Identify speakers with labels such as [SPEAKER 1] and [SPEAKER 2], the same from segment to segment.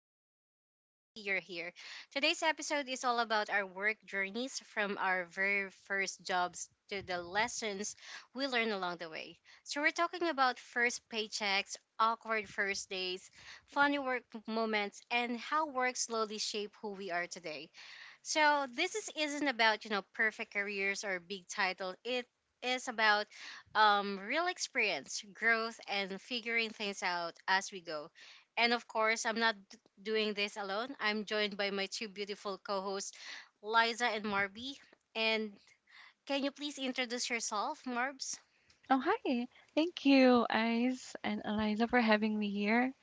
[SPEAKER 1] and I'm really happy you're here. Today's episode is all about our work journeys from our very first jobs to the lessons we learn along the way. So we're talking about first paychecks, awkward first days, funny work moments, and how work slowly shape who we are today. So this isn't about perfect careers or big title. It is about real experience, growth, and figuring things out as we go. And of course, I'm not doing this alone. I'm joined by my two beautiful co-hosts, Liza and Marby. And can you please introduce yourself, Marbs?
[SPEAKER 2] Oh, hi. Thank you, Ice and Eliza, for having me here.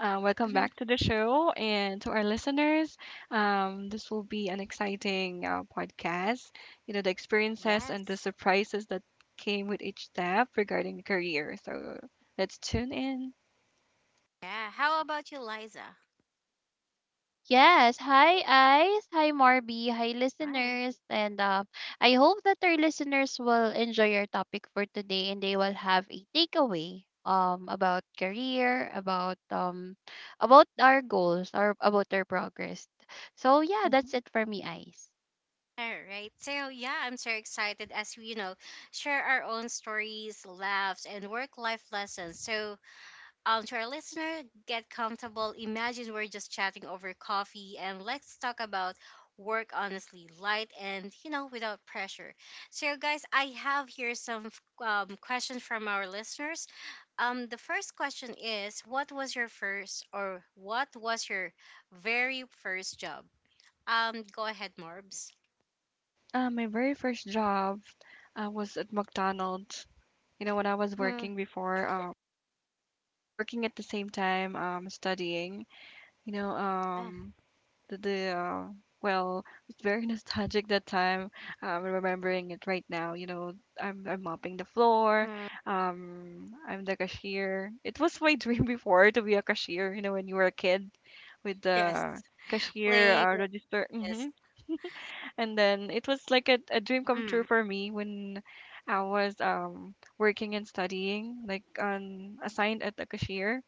[SPEAKER 2] Welcome back
[SPEAKER 1] Hmm.
[SPEAKER 2] to the show and to our listeners. This will be an exciting podcast. You know, the experiences and the
[SPEAKER 1] Yes.
[SPEAKER 2] surprises that came with each step regarding the career. So let's tune in.
[SPEAKER 1] Yeah. How about you, Liza?
[SPEAKER 3] Yes. Hi, Ice. Hi, Marby. Hi,
[SPEAKER 1] Hi.
[SPEAKER 3] listeners. And I hope that our listeners will enjoy our topic for today and they will have a takeaway about career, about about our goals or about our progress. So yeah, that's
[SPEAKER 2] Mhm.
[SPEAKER 3] it for me, Ice.
[SPEAKER 1] All right. So yeah, I'm so excited as we share our own stories, laughs, and work-life lessons. So to our listener, get comfortable. Imagine we're just chatting over coffee, and let's talk about work honestly, light and without pressure. So guys, I have here some questions from our listeners. The first question is, what was your first or what was your very first job? Go ahead, Marbs.
[SPEAKER 2] My very first job was at McDonald's. You know, when I was
[SPEAKER 1] Hmm.
[SPEAKER 2] working before, working at the same time, studying. You know, the well, it's very nostalgic that time. Remembering it right now, you know, I'm mopping the floor.
[SPEAKER 1] Mm,
[SPEAKER 2] I'm the cashier. It was my dream before to be a cashier. You know, when you were a kid with
[SPEAKER 1] yes,
[SPEAKER 2] the cashier
[SPEAKER 1] playing with
[SPEAKER 2] register. Hmm
[SPEAKER 1] this.
[SPEAKER 2] And then it was like a dream come true
[SPEAKER 1] Mm.
[SPEAKER 2] for me when I was working and studying, like on assigned at the cashier,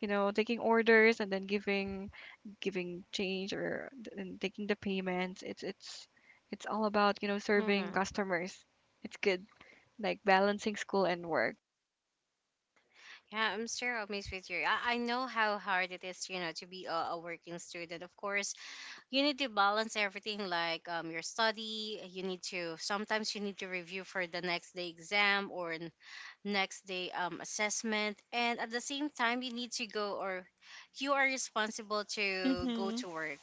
[SPEAKER 2] you know, taking orders and then giving change and taking the payments. It's all about, you know, serving
[SPEAKER 1] hmm
[SPEAKER 2] customers. It's good, like balancing school and work.
[SPEAKER 1] Yeah, I'm sure I'll miss with you. I know how hard it is, you know, to be a working student. Of course, you need to balance everything like your study. You need to, sometimes you need to review for the next day exam or next day assessment. And at the same time, you need to go or you are responsible to go
[SPEAKER 2] Mm-hmm.
[SPEAKER 1] to work,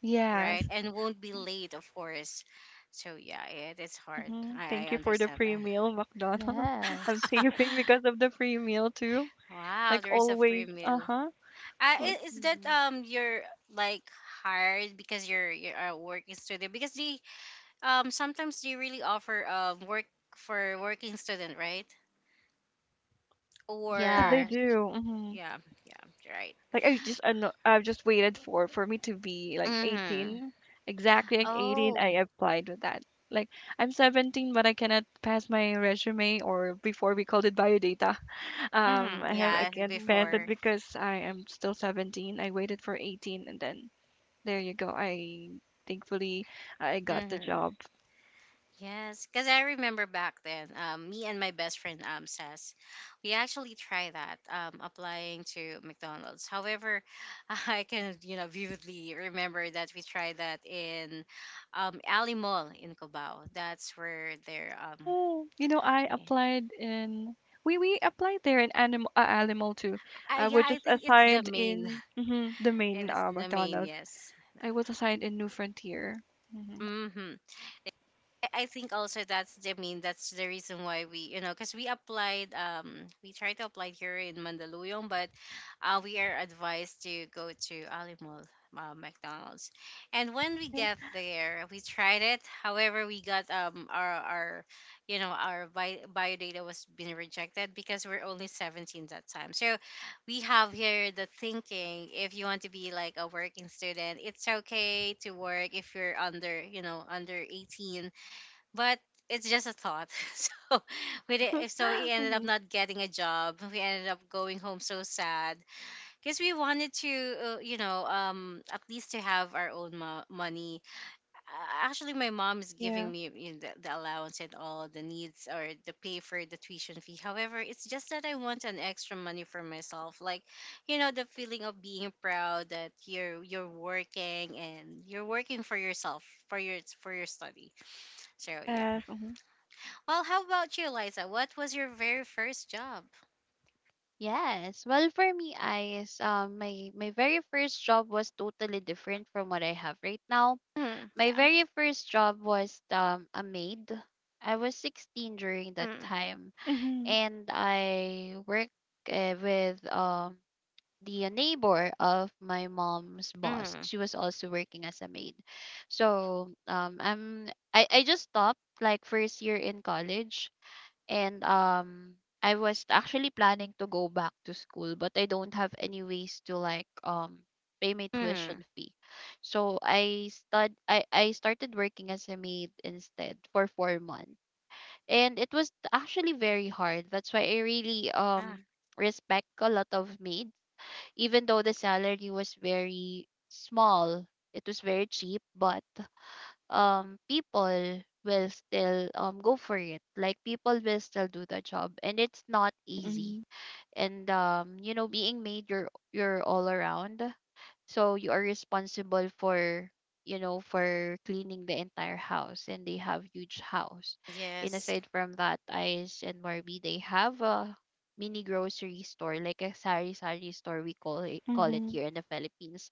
[SPEAKER 2] Yes.
[SPEAKER 1] right? And won't be late, of course. So yeah, it's hard.
[SPEAKER 2] Mm-hmm.
[SPEAKER 1] I,
[SPEAKER 2] Thank
[SPEAKER 1] I
[SPEAKER 2] you for the
[SPEAKER 1] understand
[SPEAKER 2] free
[SPEAKER 1] that.
[SPEAKER 2] meal, McDonald's. I'm
[SPEAKER 3] Yes.
[SPEAKER 2] saving because of the free meal too,
[SPEAKER 1] wow,
[SPEAKER 2] like
[SPEAKER 1] there's a free
[SPEAKER 2] always.
[SPEAKER 1] meal.
[SPEAKER 2] Uh-huh. Like
[SPEAKER 1] Is that
[SPEAKER 3] Mm-hmm.
[SPEAKER 1] you're like hired because your work is student because they sometimes they really offer work for working student, right?
[SPEAKER 2] yes
[SPEAKER 1] Or
[SPEAKER 2] they
[SPEAKER 3] Yes.
[SPEAKER 2] do. Mm-hmm.
[SPEAKER 1] yeah. Yeah, right.
[SPEAKER 2] I've just waited for me to be like
[SPEAKER 1] Mhm.
[SPEAKER 2] 18, exactly at
[SPEAKER 3] Mhm.
[SPEAKER 2] 18.
[SPEAKER 1] Oh.
[SPEAKER 2] I applied with that. Like I'm 17, but I cannot pass my resume, or before we called it bio data.
[SPEAKER 1] Mhm.
[SPEAKER 2] I
[SPEAKER 1] Yeah.
[SPEAKER 2] can't pass it
[SPEAKER 1] Before.
[SPEAKER 3] Mhm.
[SPEAKER 2] because I am still 17. I waited for 18, and then there you go. I thankfully I got the
[SPEAKER 1] Mhm.
[SPEAKER 2] job.
[SPEAKER 1] Yes, because I remember back then, me and my best friend says, we actually tried that applying to McDonald's. However, I can vividly remember that we tried that in Alley Mall in Cubao. That's where they're um.
[SPEAKER 2] Oh, you know I
[SPEAKER 1] Yeah,
[SPEAKER 2] applied in. We applied there in animal, animal too.
[SPEAKER 1] I,
[SPEAKER 2] I
[SPEAKER 1] yeah,
[SPEAKER 2] was
[SPEAKER 1] I
[SPEAKER 2] just
[SPEAKER 1] think it's the
[SPEAKER 2] assigned
[SPEAKER 1] main.
[SPEAKER 2] in, mhm, the
[SPEAKER 1] It
[SPEAKER 2] main
[SPEAKER 1] is the main.
[SPEAKER 2] McDonald's.
[SPEAKER 1] Yes.
[SPEAKER 2] I was assigned in New Frontier. Hmm
[SPEAKER 1] hmm I think also that's the, I mean, that's the reason why we, you know, because we applied, we tried to apply here in Mandaluyong, but we are advised to go to Alimol McDonald's, and when we get there we tried it. However, we got our our bio data was being rejected because we're only 17 that time. So we have here the thinking, if you want to be like a working student, it's okay to work if you're under, you know, under 18, but it's just a thought. So we did, so we ended up
[SPEAKER 2] hmm
[SPEAKER 1] not getting a job. We ended up going home so sad because we wanted to, at least to have our own money. Actually, my mom is
[SPEAKER 2] Yeah.
[SPEAKER 1] giving me, you know, the allowance and all the needs or the pay for the tuition fee. However, it's just that I want an extra money for myself, like you know, the feeling of being proud that you're working and you're working for yourself for your study. So yeah,
[SPEAKER 2] Yes. hmm
[SPEAKER 1] well, how about you, Liza? What was your very first job?
[SPEAKER 3] Yes. Well, for me, Ice, my very first job was totally different from what I have right now.
[SPEAKER 1] Mm,
[SPEAKER 3] My
[SPEAKER 1] yeah.
[SPEAKER 3] very first job was a maid. I was 16 during that
[SPEAKER 1] Mm,
[SPEAKER 3] time,
[SPEAKER 2] hmm
[SPEAKER 3] and I worked with the neighbor of my mom's boss.
[SPEAKER 1] mm,
[SPEAKER 3] She was also working as a maid. So, I just stopped like first year in college, and I was actually planning to go back to school, but I don't have any ways to like pay my tuition
[SPEAKER 1] mm.
[SPEAKER 3] fee. So I started working as a maid instead for 4 months. And it was actually very hard. That's why I really
[SPEAKER 1] Ah,
[SPEAKER 3] respect a lot of maids. Even though the salary was very small, it was very cheap, but people will still go for it, like people will still do the job, and it's not easy.
[SPEAKER 2] Mm-mm.
[SPEAKER 3] And being made, you're all around, so you are responsible for, for cleaning the entire house, and they have huge house. And
[SPEAKER 1] yes,
[SPEAKER 3] aside from that, Ice and Morby, they have a mini grocery store, like a sari sari store, we call it
[SPEAKER 2] hmm
[SPEAKER 3] here in the Philippines.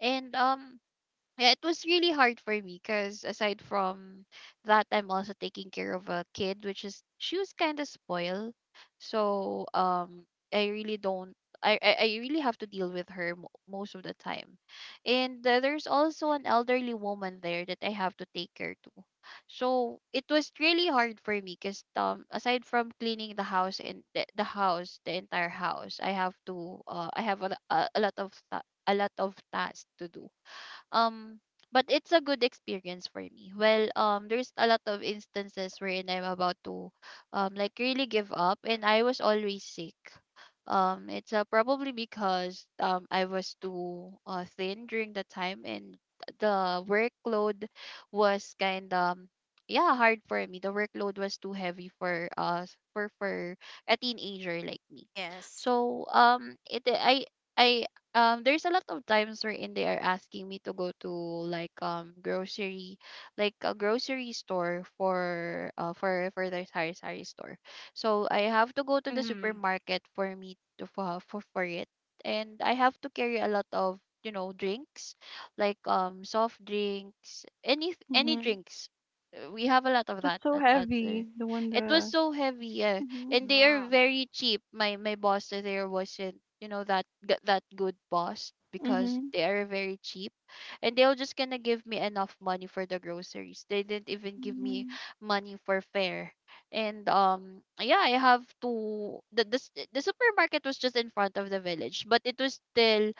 [SPEAKER 3] And yeah, it was really hard for me because aside from that, I'm also taking care of a kid, which is she was kind of spoiled. So I really don't. I really have to deal with her most of the time, and there's also an elderly woman there that I have to take care to. So it was really hard for me because aside from cleaning the house and the entire house, I have a lot of tasks to do. um, but it's a good experience for me. Well, there's a lot of instances wherein I'm about to, like really give up, and I was always sick. It's probably because I was too thin during the time, and the workload was kind of, yeah, hard for me. The workload was too heavy for a teenager like me.
[SPEAKER 1] yes.
[SPEAKER 3] So it I there's a lot of times wherein they are asking me to go to like um grocery like a grocery store for their sari sari store, so I have to go to the
[SPEAKER 1] Mm,
[SPEAKER 3] supermarket for me to for it. And I have to carry a lot of drinks, like soft drinks, any
[SPEAKER 2] hmm
[SPEAKER 3] drinks. We have a lot of
[SPEAKER 2] That's
[SPEAKER 3] that
[SPEAKER 2] so
[SPEAKER 3] that out there.
[SPEAKER 2] heavy. The one
[SPEAKER 3] It was
[SPEAKER 2] the.
[SPEAKER 3] so heavy,
[SPEAKER 2] Hmm
[SPEAKER 3] and they are
[SPEAKER 1] wow.
[SPEAKER 3] very cheap. My boss there wasn't, that that good boss, because
[SPEAKER 2] hmm
[SPEAKER 3] they are very cheap, and they were just gonna give me enough money for the groceries. They didn't even give me
[SPEAKER 2] hmm
[SPEAKER 3] money for fare, and yeah, I have to the s- the supermarket was just in front of the village, but it was still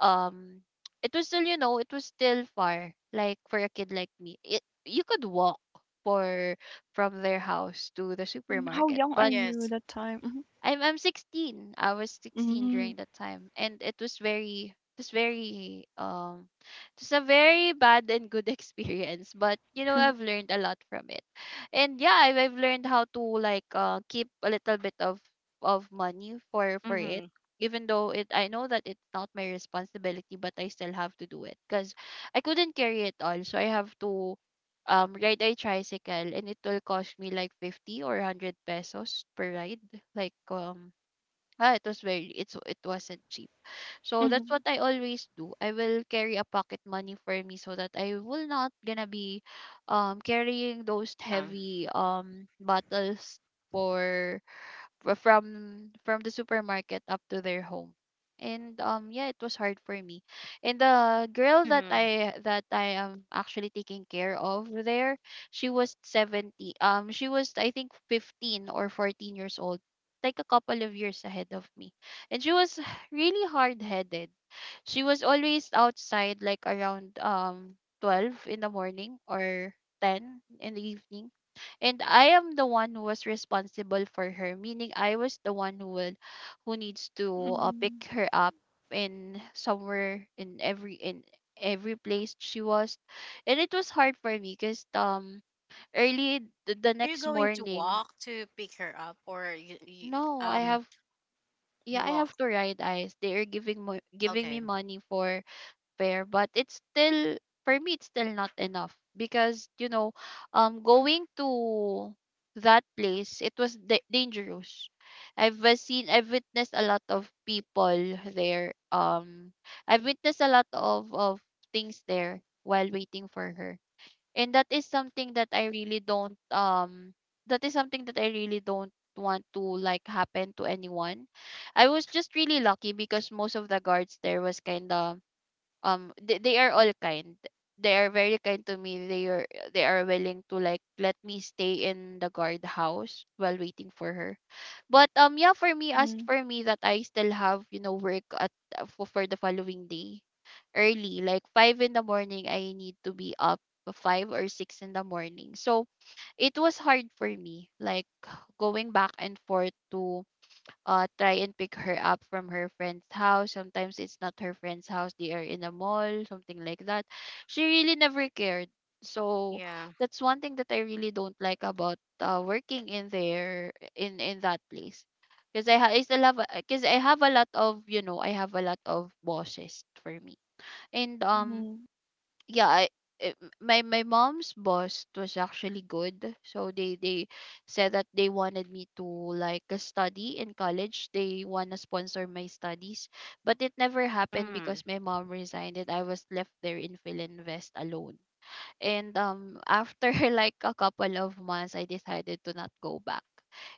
[SPEAKER 3] um it was still far, like for a kid like me, it you could walk for from their house to the
[SPEAKER 2] Mm, how
[SPEAKER 3] supermarket,
[SPEAKER 2] young are
[SPEAKER 3] but
[SPEAKER 2] you
[SPEAKER 1] Yes.
[SPEAKER 2] that time? Mm-hmm.
[SPEAKER 3] I'm 16. I was 16
[SPEAKER 2] Mm-hmm.
[SPEAKER 3] during that time, and it was a very bad and good experience. But you know I've learned a lot from it, and yeah, I've learned how to keep a little bit of money for it.
[SPEAKER 1] Mm-hmm.
[SPEAKER 3] Even though I know that it's not my responsibility, but I still have to do it, because I couldn't carry it all. So I have to ride a tricycle, and it will cost me like 50 or 100 pesos per ride, like um it wasn't cheap. So that's what
[SPEAKER 2] Mm-hmm.
[SPEAKER 3] I always do. I will carry a pocket money for me, so that I will not gonna be carrying those
[SPEAKER 1] Um.
[SPEAKER 3] heavy bottles for fro- from the supermarket up to their home. And yeah, it was hard for me. And the girl that
[SPEAKER 1] Mm-hmm.
[SPEAKER 3] I that I am actually taking care of there, she was 70. She was, I think, 15 or 14 years old, like a couple of years ahead of me. And she was really hard-headed. She was always outside, like around 12 in the morning or 10 in the evening, and I am the one who was responsible for her, meaning I was the one who needs to
[SPEAKER 2] Mm-hmm.
[SPEAKER 3] pick her up in somewhere, in every place she was. And it was hard for me because early the
[SPEAKER 1] Are you
[SPEAKER 3] next
[SPEAKER 1] going to
[SPEAKER 3] morning.
[SPEAKER 1] walk to pick her up, or you
[SPEAKER 3] No, I
[SPEAKER 1] um
[SPEAKER 3] have.
[SPEAKER 1] you
[SPEAKER 3] Yeah, I have
[SPEAKER 1] walk?
[SPEAKER 3] to ride eyes. They are giving me
[SPEAKER 1] Okay.
[SPEAKER 3] money for compare, but it's still, for me, it's still not enough because going to that place, it was dangerous. I've witnessed a lot of people there. I've witnessed a lot of things there while waiting for her. And that is something that I really don't want to like happen to anyone. I was just really lucky because most of the guards there was kinda they are all kind, they are very kind to me, they are willing to like let me stay in the guardhouse while waiting for her. But yeah, for me as
[SPEAKER 2] Mm-hmm.
[SPEAKER 3] for me, that I still have, work for the following day. Early, like 5 in the morning, I need to be up, 5 or 6 in the morning. So it was hard for me, like going back and forth to try and pick her up from her friend's house. Sometimes it's not her friend's house, they are in a mall, something like that. She really never cared. So
[SPEAKER 1] Yeah.
[SPEAKER 3] that's one thing that I really don't like about working in there, in that place. Because I, ha- I still have, because I have a lot of, you know, I have a lot of bosses for me, and
[SPEAKER 2] Mm-hmm.
[SPEAKER 3] yeah, it, my mom's boss was actually good. So they said that they wanted me to study in college. They wanna sponsor my studies, but it never happened
[SPEAKER 1] Mm.
[SPEAKER 3] because my mom resigned and I was left there in Philinvest alone. And after like a couple of months, I decided to not go back.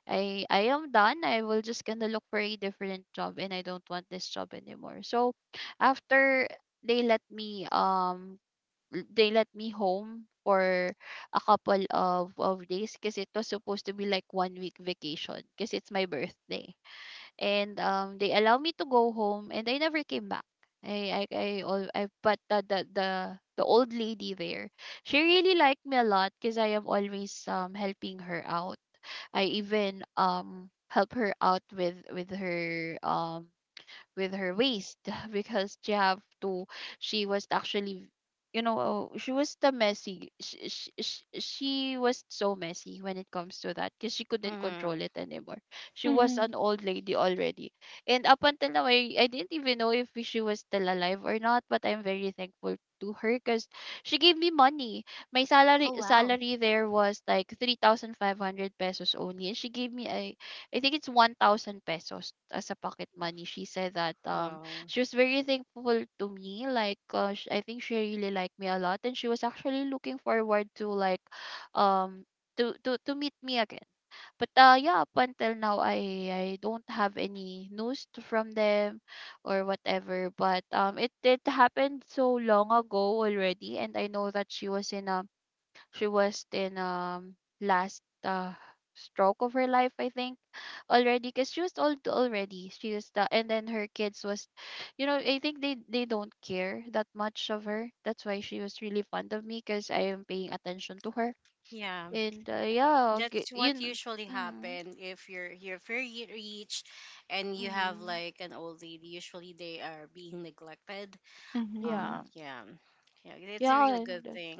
[SPEAKER 3] I am done. I will just gonna look for a different job, and I don't want this job anymore. So after they let me um they let me home for a couple of days, because it was supposed to be like one week vacation because it's my birthday. And they allow me to go home, and I never came back. I, al- I but the old lady there, she really liked me a lot because I am always helping her out. I even help her out with her waist because she have to she was actually, oh, she was the messy. She was so messy when it comes to that, because she couldn't control
[SPEAKER 1] Mm-hmm.
[SPEAKER 3] it anymore. She was
[SPEAKER 2] Mm-hmm.
[SPEAKER 3] an old lady already, and up until now I didn't even know if she was still alive or not, but I'm very thankful to her because she gave me money. My salary
[SPEAKER 1] Oh wow.
[SPEAKER 3] salary there was like 3,500 pesos only, and she gave me a I think it's 1,000 pesos as a pocket money. She said that
[SPEAKER 1] Wow.
[SPEAKER 3] she was very thankful to me. I think she really liked me a lot, and she was actually looking forward to um meet me again. But yeah, up until now, I don't have any news from them or whatever. But it happened so long ago already, and I know that she was in a she was in last stroke of her life, I think, already, because she was old already. She was the and then her kids was, you know, I think they don't care that much of her. That's why she was really fond of me, because I am paying attention to her.
[SPEAKER 1] Yeah.
[SPEAKER 3] And yeah,
[SPEAKER 1] That's what usually
[SPEAKER 3] mm-hmm,
[SPEAKER 1] happen if you're here, if you're very rich and you have
[SPEAKER 3] mm-hmm,
[SPEAKER 1] like an old lady, usually they are being neglected. Um
[SPEAKER 2] Mm-hmm.
[SPEAKER 3] yeah,
[SPEAKER 1] yeah, yeah, it's a
[SPEAKER 3] yeah,
[SPEAKER 1] really good
[SPEAKER 3] and
[SPEAKER 1] thing.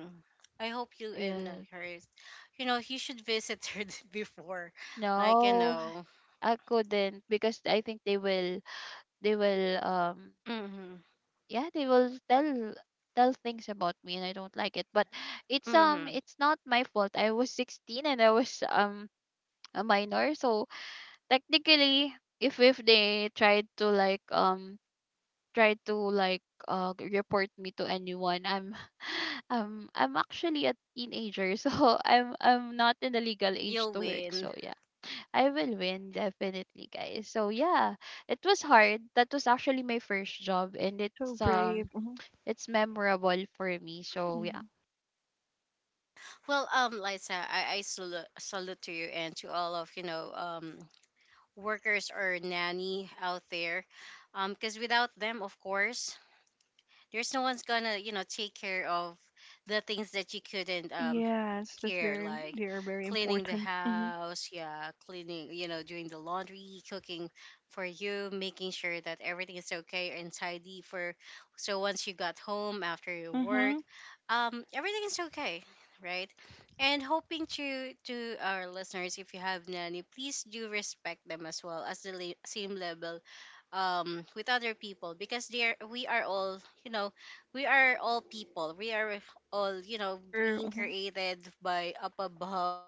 [SPEAKER 1] I hope you and
[SPEAKER 3] yes.
[SPEAKER 1] her is, you know, you should visit her before, like, you
[SPEAKER 3] No,
[SPEAKER 1] know.
[SPEAKER 3] I couldn't because I think they will
[SPEAKER 1] Mm-hmm,
[SPEAKER 3] yeah they will tell things about me and I don't like it, but
[SPEAKER 1] mm-hmm,
[SPEAKER 3] it's not my fault. I was 16 and I was a minor, so technically if they tried to try to like g- report me to anyone, I'm I'm actually a teenager, so I'm not in the legal age
[SPEAKER 1] you'll
[SPEAKER 3] to work,
[SPEAKER 1] win.
[SPEAKER 3] so yeah, I will win definitely, guys. So yeah, it was hard. That was actually my first job and
[SPEAKER 2] So
[SPEAKER 1] Yeah.
[SPEAKER 2] brave. Mm-hmm.
[SPEAKER 3] it's memorable for me. So yeah.
[SPEAKER 2] Mm-hmm.
[SPEAKER 1] Well, Liza, I salute to you and to all of, you know, workers or nanny out there, because without them, of course, there's no one's gonna, you know, take care of the things that you couldn't
[SPEAKER 2] Yes, that's
[SPEAKER 1] care,
[SPEAKER 2] very,
[SPEAKER 1] like
[SPEAKER 2] they are very
[SPEAKER 1] cleaning the
[SPEAKER 2] important. Mm-hmm.
[SPEAKER 1] house, yeah, cleaning, you know, doing the laundry, cooking for you, making sure that everything is okay and tidy for, so once you got home after your work,
[SPEAKER 2] Mm-hmm.
[SPEAKER 1] everything is okay, right? And hoping to our listeners, if you have nanny, please do respect them as well as the same level with other people, because they are, we are all, you know, we are all people, we are all, you know,
[SPEAKER 2] True.
[SPEAKER 1] being
[SPEAKER 2] Mm-hmm.
[SPEAKER 1] created by up above.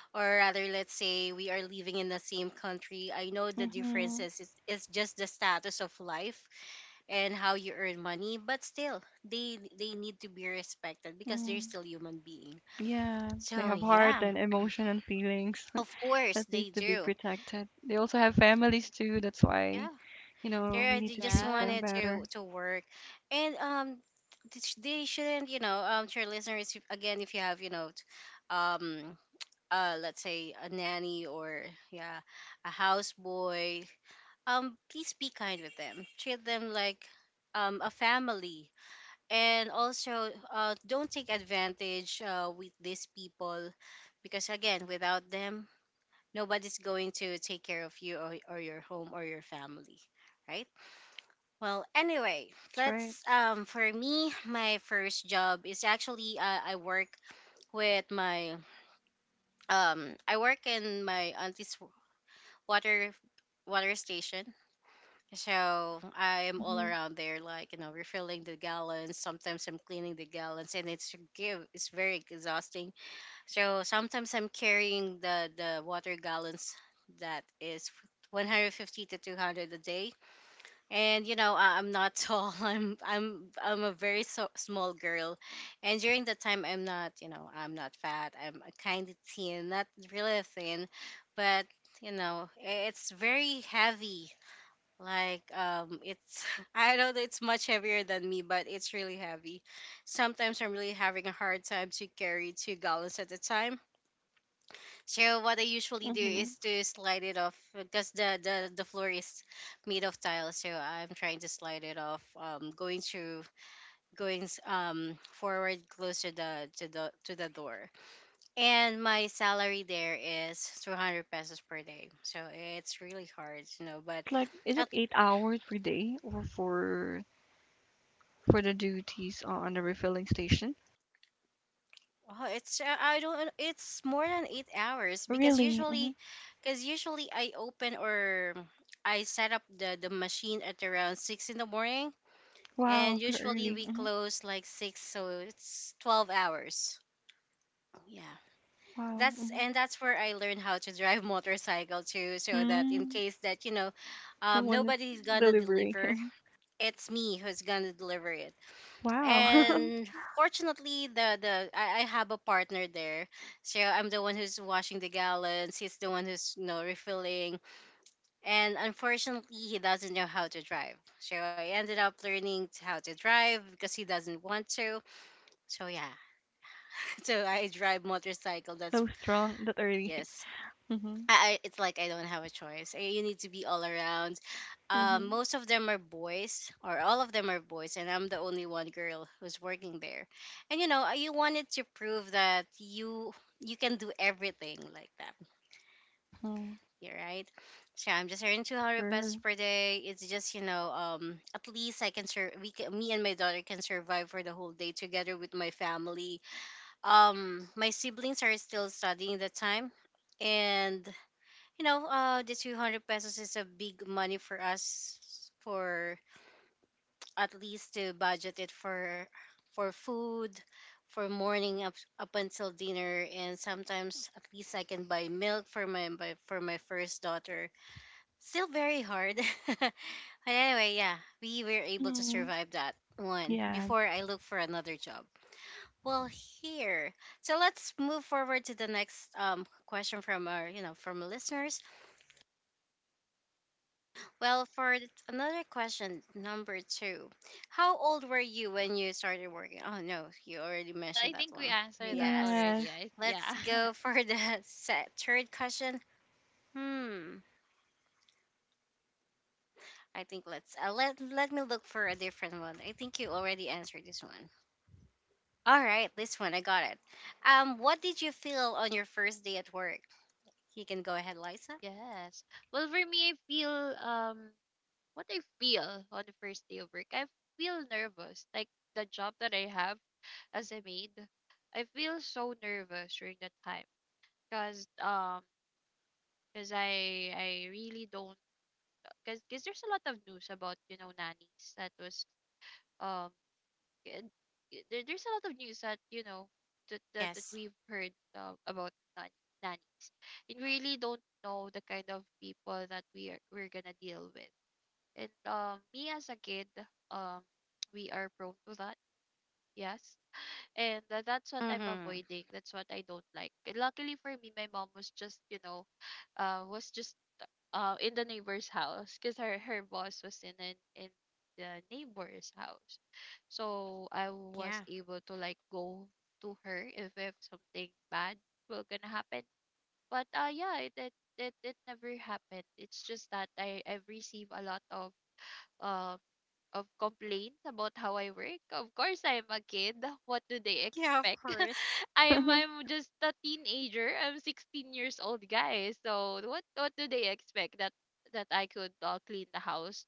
[SPEAKER 1] Or rather, let's say we are living in the same country. I know the
[SPEAKER 2] Mm-hmm.
[SPEAKER 1] differences is just the status of life and how you earn money, but still, they need to be respected because they're
[SPEAKER 2] Mm-hmm.
[SPEAKER 1] still human being.
[SPEAKER 2] Yeah, they
[SPEAKER 1] So
[SPEAKER 2] have heart
[SPEAKER 1] yeah.
[SPEAKER 2] and emotion and feelings
[SPEAKER 1] Of course
[SPEAKER 2] that
[SPEAKER 1] they
[SPEAKER 2] needs to be
[SPEAKER 1] do.
[SPEAKER 2] protected. They also have families too. That's why,
[SPEAKER 1] Yeah.
[SPEAKER 2] you know, we
[SPEAKER 1] They're,
[SPEAKER 2] need
[SPEAKER 1] they
[SPEAKER 2] to
[SPEAKER 1] just
[SPEAKER 2] treat
[SPEAKER 3] Yeah,
[SPEAKER 2] them
[SPEAKER 1] wanted to
[SPEAKER 2] better.
[SPEAKER 1] work, and they shouldn't, you know, to your listeners, if, again, if you have, you know, um, let's say a nanny or, yeah, a houseboy, please be kind with them. Treat them like a family, and also don't take advantage with these people, because again, without them, nobody's going to take care of you or your home or your family, right? Well, anyway,
[SPEAKER 2] That's right.
[SPEAKER 1] let's for me, my first job is actually I work with my I work in my auntie's water water station. So I am all
[SPEAKER 2] Mm-hmm.
[SPEAKER 1] around there, like, you know, refilling the gallons. Sometimes I'm cleaning the gallons, and it's very exhausting. So sometimes I'm carrying the water gallons that is 150 to 200 a day. And you know, I'm not tall. I'm a very small girl, and during that time I'm not, you know, I'm not fat, I'm kind of thin, not really thin, but you know, it's very heavy. Like, um, it's, I know that it's much heavier than me, but it's really heavy. Sometimes I'm really having a hard time to carry 2 gallons at a time. So what I usually do
[SPEAKER 2] Mm-hmm.
[SPEAKER 1] is to slide it off, because the floor is made of tile. So I'm trying to slide it off, going through, forward, close to the to the to the door. And my salary there is 200 pesos per day. So it's really hard, you know. But
[SPEAKER 2] It's like, is
[SPEAKER 1] at
[SPEAKER 2] it 8 hours per day, or for the duties on the refilling station?
[SPEAKER 1] oh, it's I don't, it's more than 8 hours,
[SPEAKER 2] Really? Mm-hmm.
[SPEAKER 1] because usually I open or I set up the machine at around 6 in the morning,
[SPEAKER 2] Wow,
[SPEAKER 1] and
[SPEAKER 2] so
[SPEAKER 1] usually
[SPEAKER 2] early.
[SPEAKER 1] we
[SPEAKER 2] Mm-hmm.
[SPEAKER 1] close like 6, so it's 12 hours, yeah.
[SPEAKER 2] Wow.
[SPEAKER 1] That's,
[SPEAKER 2] Mm-hmm.
[SPEAKER 1] and that's where I learned how to drive motorcycle too, so that in
[SPEAKER 2] Mm,
[SPEAKER 1] case that, you know,
[SPEAKER 2] no one is
[SPEAKER 1] nobody's gonna
[SPEAKER 2] delivering.
[SPEAKER 1] deliver, it's me who's gonna deliver it.
[SPEAKER 2] Wow,
[SPEAKER 3] yeah.
[SPEAKER 1] And fortunately the I have a partner there, so I'm the one who's washing the gallons, he's the one who's, you know, refilling. And unfortunately he doesn't know how to drive, so I ended up learning how to drive, because he doesn't want to. So yeah, so I drive motorcycle. That's
[SPEAKER 2] so strong that early.
[SPEAKER 1] yes.
[SPEAKER 2] Mm-hmm.
[SPEAKER 1] I It's like I don't have a choice. You need to be all around.
[SPEAKER 2] Mm-hmm.
[SPEAKER 1] Most of them are boys, or all of them are boys, and I'm the only one girl who's working there. And you know, you wanted to prove that you can do everything like that.
[SPEAKER 2] Mm-hmm.
[SPEAKER 1] Yeah, right. So I'm just earning 200 pesos
[SPEAKER 2] Sure.
[SPEAKER 1] per day. It's just, you know, at least I can we can, me and my daughter can survive for the whole day together with my family. My siblings are still studying that time, and you know, the 200 pesos is a big money for us, for at least to budget it for food, for morning up, up until dinner, and sometimes at least I can buy milk for my first daughter. Still very hard, but anyway, yeah, we were able to
[SPEAKER 2] Mhm.
[SPEAKER 1] survive that one
[SPEAKER 2] Yeah.
[SPEAKER 1] before I look for another job. Well, here. So let's move forward to the next question from our, you know, from listeners. Well, for another question, number two, how old were you when you started working? Oh no, you already
[SPEAKER 3] Well,
[SPEAKER 1] mentioned
[SPEAKER 3] I
[SPEAKER 1] that
[SPEAKER 3] think we
[SPEAKER 1] one.
[SPEAKER 3] answered that
[SPEAKER 1] Yes.
[SPEAKER 3] already.
[SPEAKER 2] Yes.
[SPEAKER 3] I,
[SPEAKER 1] Let's
[SPEAKER 3] yeah,
[SPEAKER 1] go for the set third question. Hmm. I think let's let me look for a different one. I think you already answered this one. All right, this one I got it. What did you feel on your first day at work? You can go ahead, Liza.
[SPEAKER 3] yes. Well, for me, I feel um, what I feel on the first day of work, I feel nervous. Like the job that I have as a maid, I feel so nervous during that time because um, because I really don't because there's a lot of news about, you know, nannies that was um and there, there's a lot of news that, you know, that
[SPEAKER 1] Yes.
[SPEAKER 3] we've heard about nanny, nannies, and we really don't know the kind of people that we're gonna deal with. And me as a kid, um we are prone to that. Yes, and that's what I'm
[SPEAKER 1] Mm-hmm.
[SPEAKER 3] avoiding, that's what I don't like. And luckily for me, my mom was just, you know, was just in the neighbor's house because her boss was in an, in the neighbor's house. So I was
[SPEAKER 1] Yeah.
[SPEAKER 3] able to like go to her if something bad will gonna happen. But uh, yeah, it never happened. It's just that I I've received a lot um of complaints about how I work. Of course, I'm a kid. What do they
[SPEAKER 1] Yeah, of
[SPEAKER 3] expect?
[SPEAKER 1] course.
[SPEAKER 3] I'm just a teenager. I'm 16 years old, guys. So what do they expect, that that I could clean the house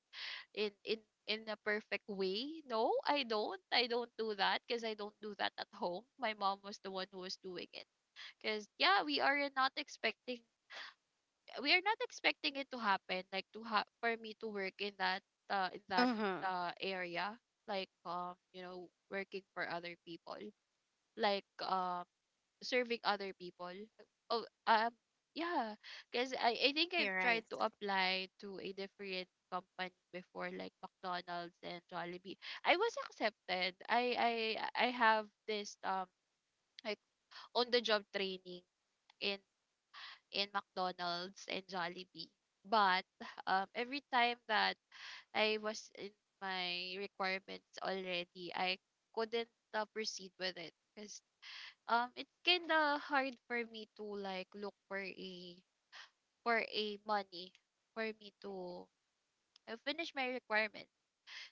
[SPEAKER 3] in in in a perfect way? No, I don't. I don't do that because I don't do that at home. My mom was the one who was doing it. Because yeah, we are not expecting it to happen, like to for me to work in that
[SPEAKER 1] Mm-hmm.
[SPEAKER 3] area, like you know, working for other people, like serving other people. oh um yeah, because I think I've
[SPEAKER 1] You're
[SPEAKER 3] tried
[SPEAKER 1] right.
[SPEAKER 3] to apply to a different company before, like McDonald's and Jollibee. I was accepted. I I have this like on the job training in in McDonald's and Jollibee. But every time that I was in my requirements already, I couldn't proceed with it because it's kind of hard for me to like look for a money for me to finish my requirements.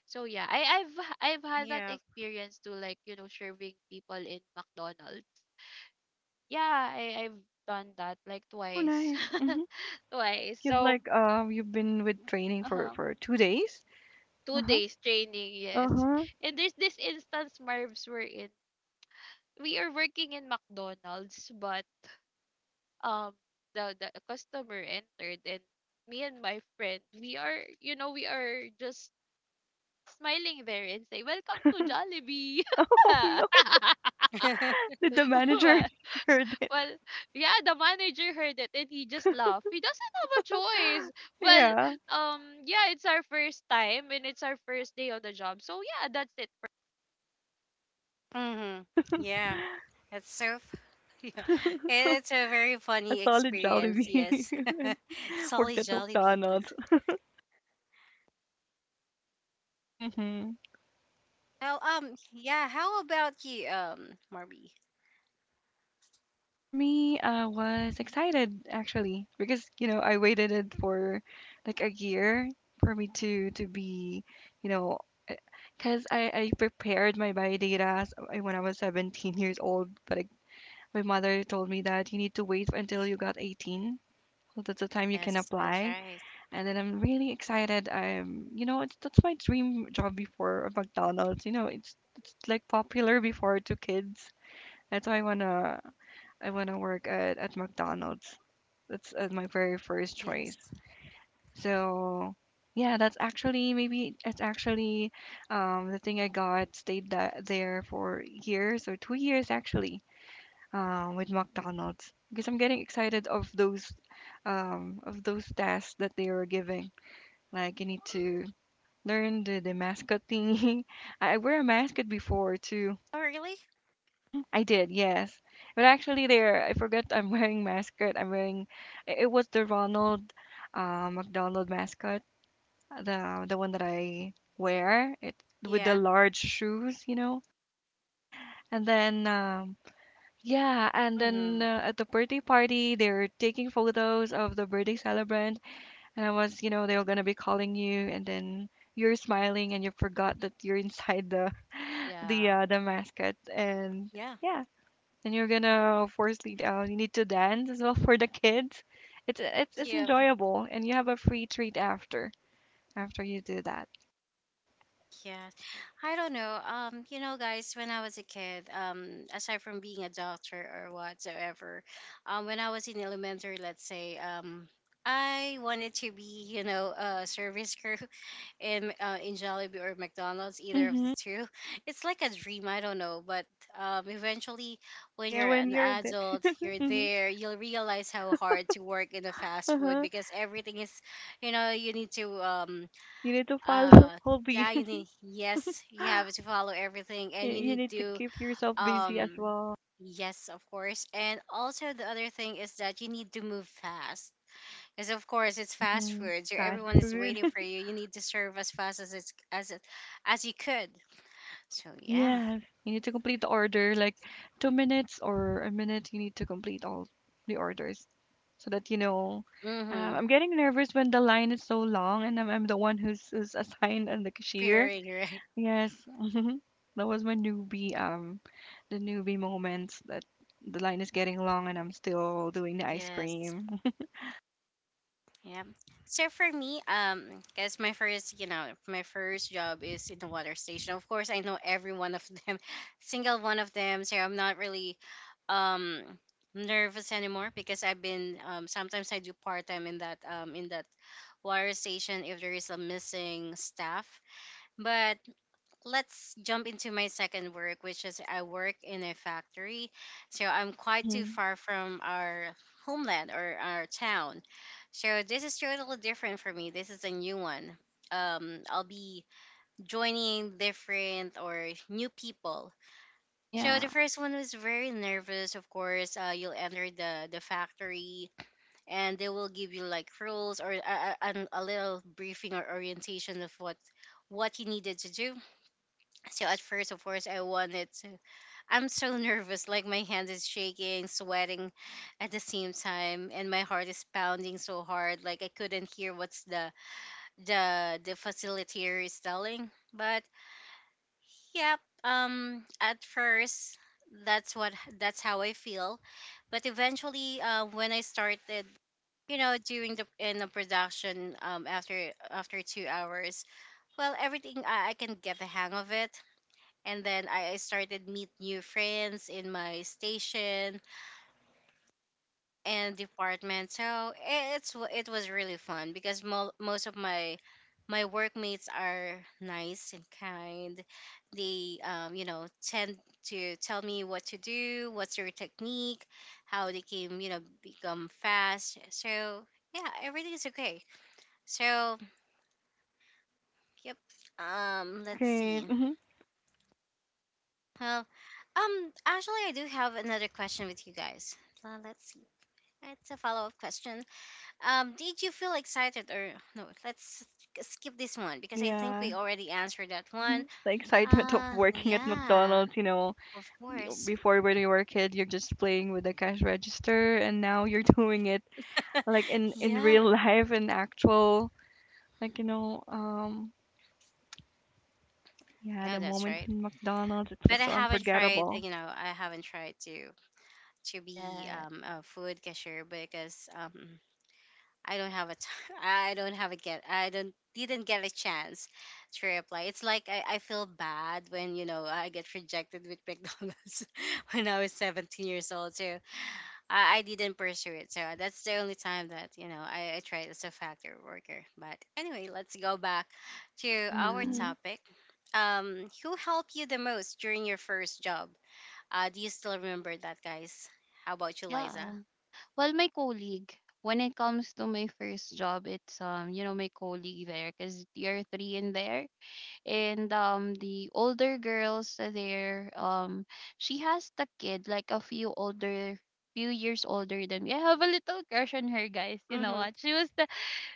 [SPEAKER 3] So yeah, I've had that
[SPEAKER 1] Yeah.
[SPEAKER 3] experience to like, you know, serving people in McDonald's. Yeah, I I've done that like
[SPEAKER 2] Oh,
[SPEAKER 3] twice,
[SPEAKER 2] nice. Mhm.
[SPEAKER 3] twice.
[SPEAKER 2] You've
[SPEAKER 3] So
[SPEAKER 2] like you've been with training
[SPEAKER 3] uh
[SPEAKER 2] for
[SPEAKER 3] huh,
[SPEAKER 2] 2 days. Uh
[SPEAKER 3] two
[SPEAKER 2] huh.
[SPEAKER 3] days training,
[SPEAKER 2] Uh
[SPEAKER 3] yes.
[SPEAKER 2] huh.
[SPEAKER 3] And there's this instance, Marv's, we're in. We are working in McDonald's, but um the customer entered and me and my friend, we are, you know, we are just smiling there and say, "Welcome to Jollibee."
[SPEAKER 2] Oh no! Did the manager
[SPEAKER 3] well,
[SPEAKER 2] heard it?
[SPEAKER 3] well, yeah, the manager heard it and he just laughed. He doesn't have a choice. Well,
[SPEAKER 2] Yeah.
[SPEAKER 3] yeah, it's our first time and it's our first day on the job. So yeah, that's it.
[SPEAKER 1] Mm-hmm. Yeah. That's so yeah. It's a very
[SPEAKER 2] A
[SPEAKER 1] funny
[SPEAKER 2] solid
[SPEAKER 1] experience,
[SPEAKER 2] Jollibee
[SPEAKER 1] yes.
[SPEAKER 2] and
[SPEAKER 1] Solly
[SPEAKER 2] worked at
[SPEAKER 1] jolly people.
[SPEAKER 2] McDonald's. Mhm.
[SPEAKER 1] Well, yeah, how about you, Marby?
[SPEAKER 2] For me, I was excited actually, because you know I waited it for like a year for me to be, you know, because I prepared my bio data when I was 17 years old, but my mother told me that you need to wait until you got 18. So that's the time you can
[SPEAKER 1] Yes, that's
[SPEAKER 2] apply,
[SPEAKER 1] right.
[SPEAKER 2] and then I'm really excited. I'm, you know, it's, that's my dream job before at McDonald's. You know, it's like popular before to kids. That's why I wanna I want to work at McDonald's. That's my very first choice.
[SPEAKER 1] Yes.
[SPEAKER 2] So yeah, that's actually maybe it's actually the thing I got stayed that there for years or 2 years actually with McDonald's, because I'm getting excited of those tasks that they were giving. Like you need to learn the mascot thing. I wear a mascot before too.
[SPEAKER 1] Oh, really?
[SPEAKER 2] Mhm, I did, yes. But actually, there, I forgot I'm wearing mascot. It was the Ronald McDonald mascot, the one that I wear. It with the
[SPEAKER 1] Yeah.
[SPEAKER 2] large shoes, you know. And then, yeah, and then
[SPEAKER 1] Mm-hmm.
[SPEAKER 2] at the birthday party, they were taking photos of the birthday celebrant, and I was, you know, they were gonna be calling you, and then you're smiling and you forgot
[SPEAKER 3] Mm.
[SPEAKER 2] that you're inside the
[SPEAKER 3] Yeah.
[SPEAKER 2] the mascot, and
[SPEAKER 1] Yeah.
[SPEAKER 2] yeah, and you're gonna forcefully down. You need to dance as well for the kids. It's
[SPEAKER 1] Yeah.
[SPEAKER 2] enjoyable, and you have a free treat after you do that.
[SPEAKER 1] Yes. I don't know. You know, guys, when I was a kid, aside from being a doctor or whatsoever, when I was in elementary, let's say, I wanted to be, you know, a service crew in Jollibee or McDonald's, either of the
[SPEAKER 2] Hmm
[SPEAKER 1] two. It's like a dream, I don't know, but eventually, when
[SPEAKER 2] Yeah,
[SPEAKER 1] you're
[SPEAKER 2] when
[SPEAKER 1] an
[SPEAKER 2] you're there.
[SPEAKER 1] adult, you're
[SPEAKER 2] Hmm
[SPEAKER 1] there, you'll realize how hard to work in the fast food
[SPEAKER 2] Uh-huh.
[SPEAKER 1] because everything is, you know, you need to
[SPEAKER 2] You need to follow
[SPEAKER 1] uh
[SPEAKER 2] hobby.
[SPEAKER 1] yeah, you need, yes, you have to follow everything,
[SPEAKER 2] You
[SPEAKER 1] and you
[SPEAKER 2] you
[SPEAKER 1] need
[SPEAKER 2] need to
[SPEAKER 1] to
[SPEAKER 2] keep yourself busy as
[SPEAKER 1] um
[SPEAKER 2] well.
[SPEAKER 1] yes, of course. And also the other thing is that you need to move fast because of course it's fast
[SPEAKER 2] Hmm
[SPEAKER 1] food, so
[SPEAKER 2] Fast
[SPEAKER 1] everyone is
[SPEAKER 2] food.
[SPEAKER 1] waiting for you. You need to serve as fast as it's as it as you could. So yeah.
[SPEAKER 2] Yes. You need to complete the order like 2 minutes or a minute. You need to complete all the orders so that you know.
[SPEAKER 1] Mm-hmm.
[SPEAKER 2] I'm getting nervous when the line is so long and I'm the one who's assigned as the cashier.
[SPEAKER 1] Pairing, right.
[SPEAKER 2] Yes, that was my newbie, the newbie moments that the line is getting long and I'm still doing the ice
[SPEAKER 1] Yes.
[SPEAKER 2] cream.
[SPEAKER 1] Yeah. So for me, because my first job is in the water station. Of course, I know every one of them, single one of them. So I'm not really, um, nervous anymore because I've been. Sometimes I do part time in that water station if there is a missing staff. But let's jump into my second work, which is I work in a factory. So I'm quite too
[SPEAKER 2] hmm
[SPEAKER 1] far from our homeland or our town. So this is totally different for me. This is a new one. I'll be joining different or new people. So the
[SPEAKER 2] Yeah.
[SPEAKER 1] first one was very nervous. Of course, you'll enter the factory, and they will give you like rules or a little briefing or orientation of what you needed to do. So at first, of course, I wanted to. I'm so nervous, like my hand is shaking, sweating at the same time, and my heart is pounding so hard, like I couldn't hear what's the facilitator is telling. But yep, at first, that's what that's how I feel, but eventually, when I started. You know, during the production, after after 2 hours, well, everything I can get the hang of it, and then I started meet new friends in my station and department. So it's it was really fun because most of my workmates are nice and kind. They tend to tell me what to do, what's your technique, how they can become fast. So yeah, everything is okay. So yep. Let's
[SPEAKER 2] Great.
[SPEAKER 1] see.
[SPEAKER 2] Hmm
[SPEAKER 1] Well, actually, I do have another question with you guys. Let's see. It's a follow up question. Did you feel excited or no? Let's skip this one because I think
[SPEAKER 2] Yeah.
[SPEAKER 1] we already answered that one.
[SPEAKER 2] The excitement of working at
[SPEAKER 1] Yeah,
[SPEAKER 2] McDonald's, you know.
[SPEAKER 1] of course.
[SPEAKER 2] Before, when you were a kid, you're just playing with the cash register, and now you're doing it like in
[SPEAKER 1] Yeah,
[SPEAKER 2] real life, in actual, like, you know, um, yeah,
[SPEAKER 1] yeah,
[SPEAKER 2] the
[SPEAKER 1] that's
[SPEAKER 2] moments
[SPEAKER 1] right.
[SPEAKER 2] in McDonald's, it
[SPEAKER 1] But
[SPEAKER 2] was
[SPEAKER 1] I
[SPEAKER 2] so
[SPEAKER 1] haven't tried.
[SPEAKER 2] unforgettable.
[SPEAKER 1] You know, I haven't tried to be
[SPEAKER 3] Yeah.
[SPEAKER 1] a food cashier because I don't have a I don't have a get I don't didn't get a chance to reply. It's like I feel bad when I get rejected with McDonald's when I was 17 years old. So I didn't pursue it. So that's the only time that I tried as a factory worker. But anyway, let's go back to our
[SPEAKER 3] Mm-hmm.
[SPEAKER 2] Mm-hmm.
[SPEAKER 1] topic. Who helped you the most during your first job? Do you still remember that, guys? How about you, Liza?
[SPEAKER 3] Yeah. Well, my colleague, when it comes to my first job, it's you know, my colleague there, cause you're three in there, and the older girls there, she has the kid, like a few older, few years older than me. I have a little crush on her, guys. You know
[SPEAKER 1] Mm-hmm.
[SPEAKER 3] what?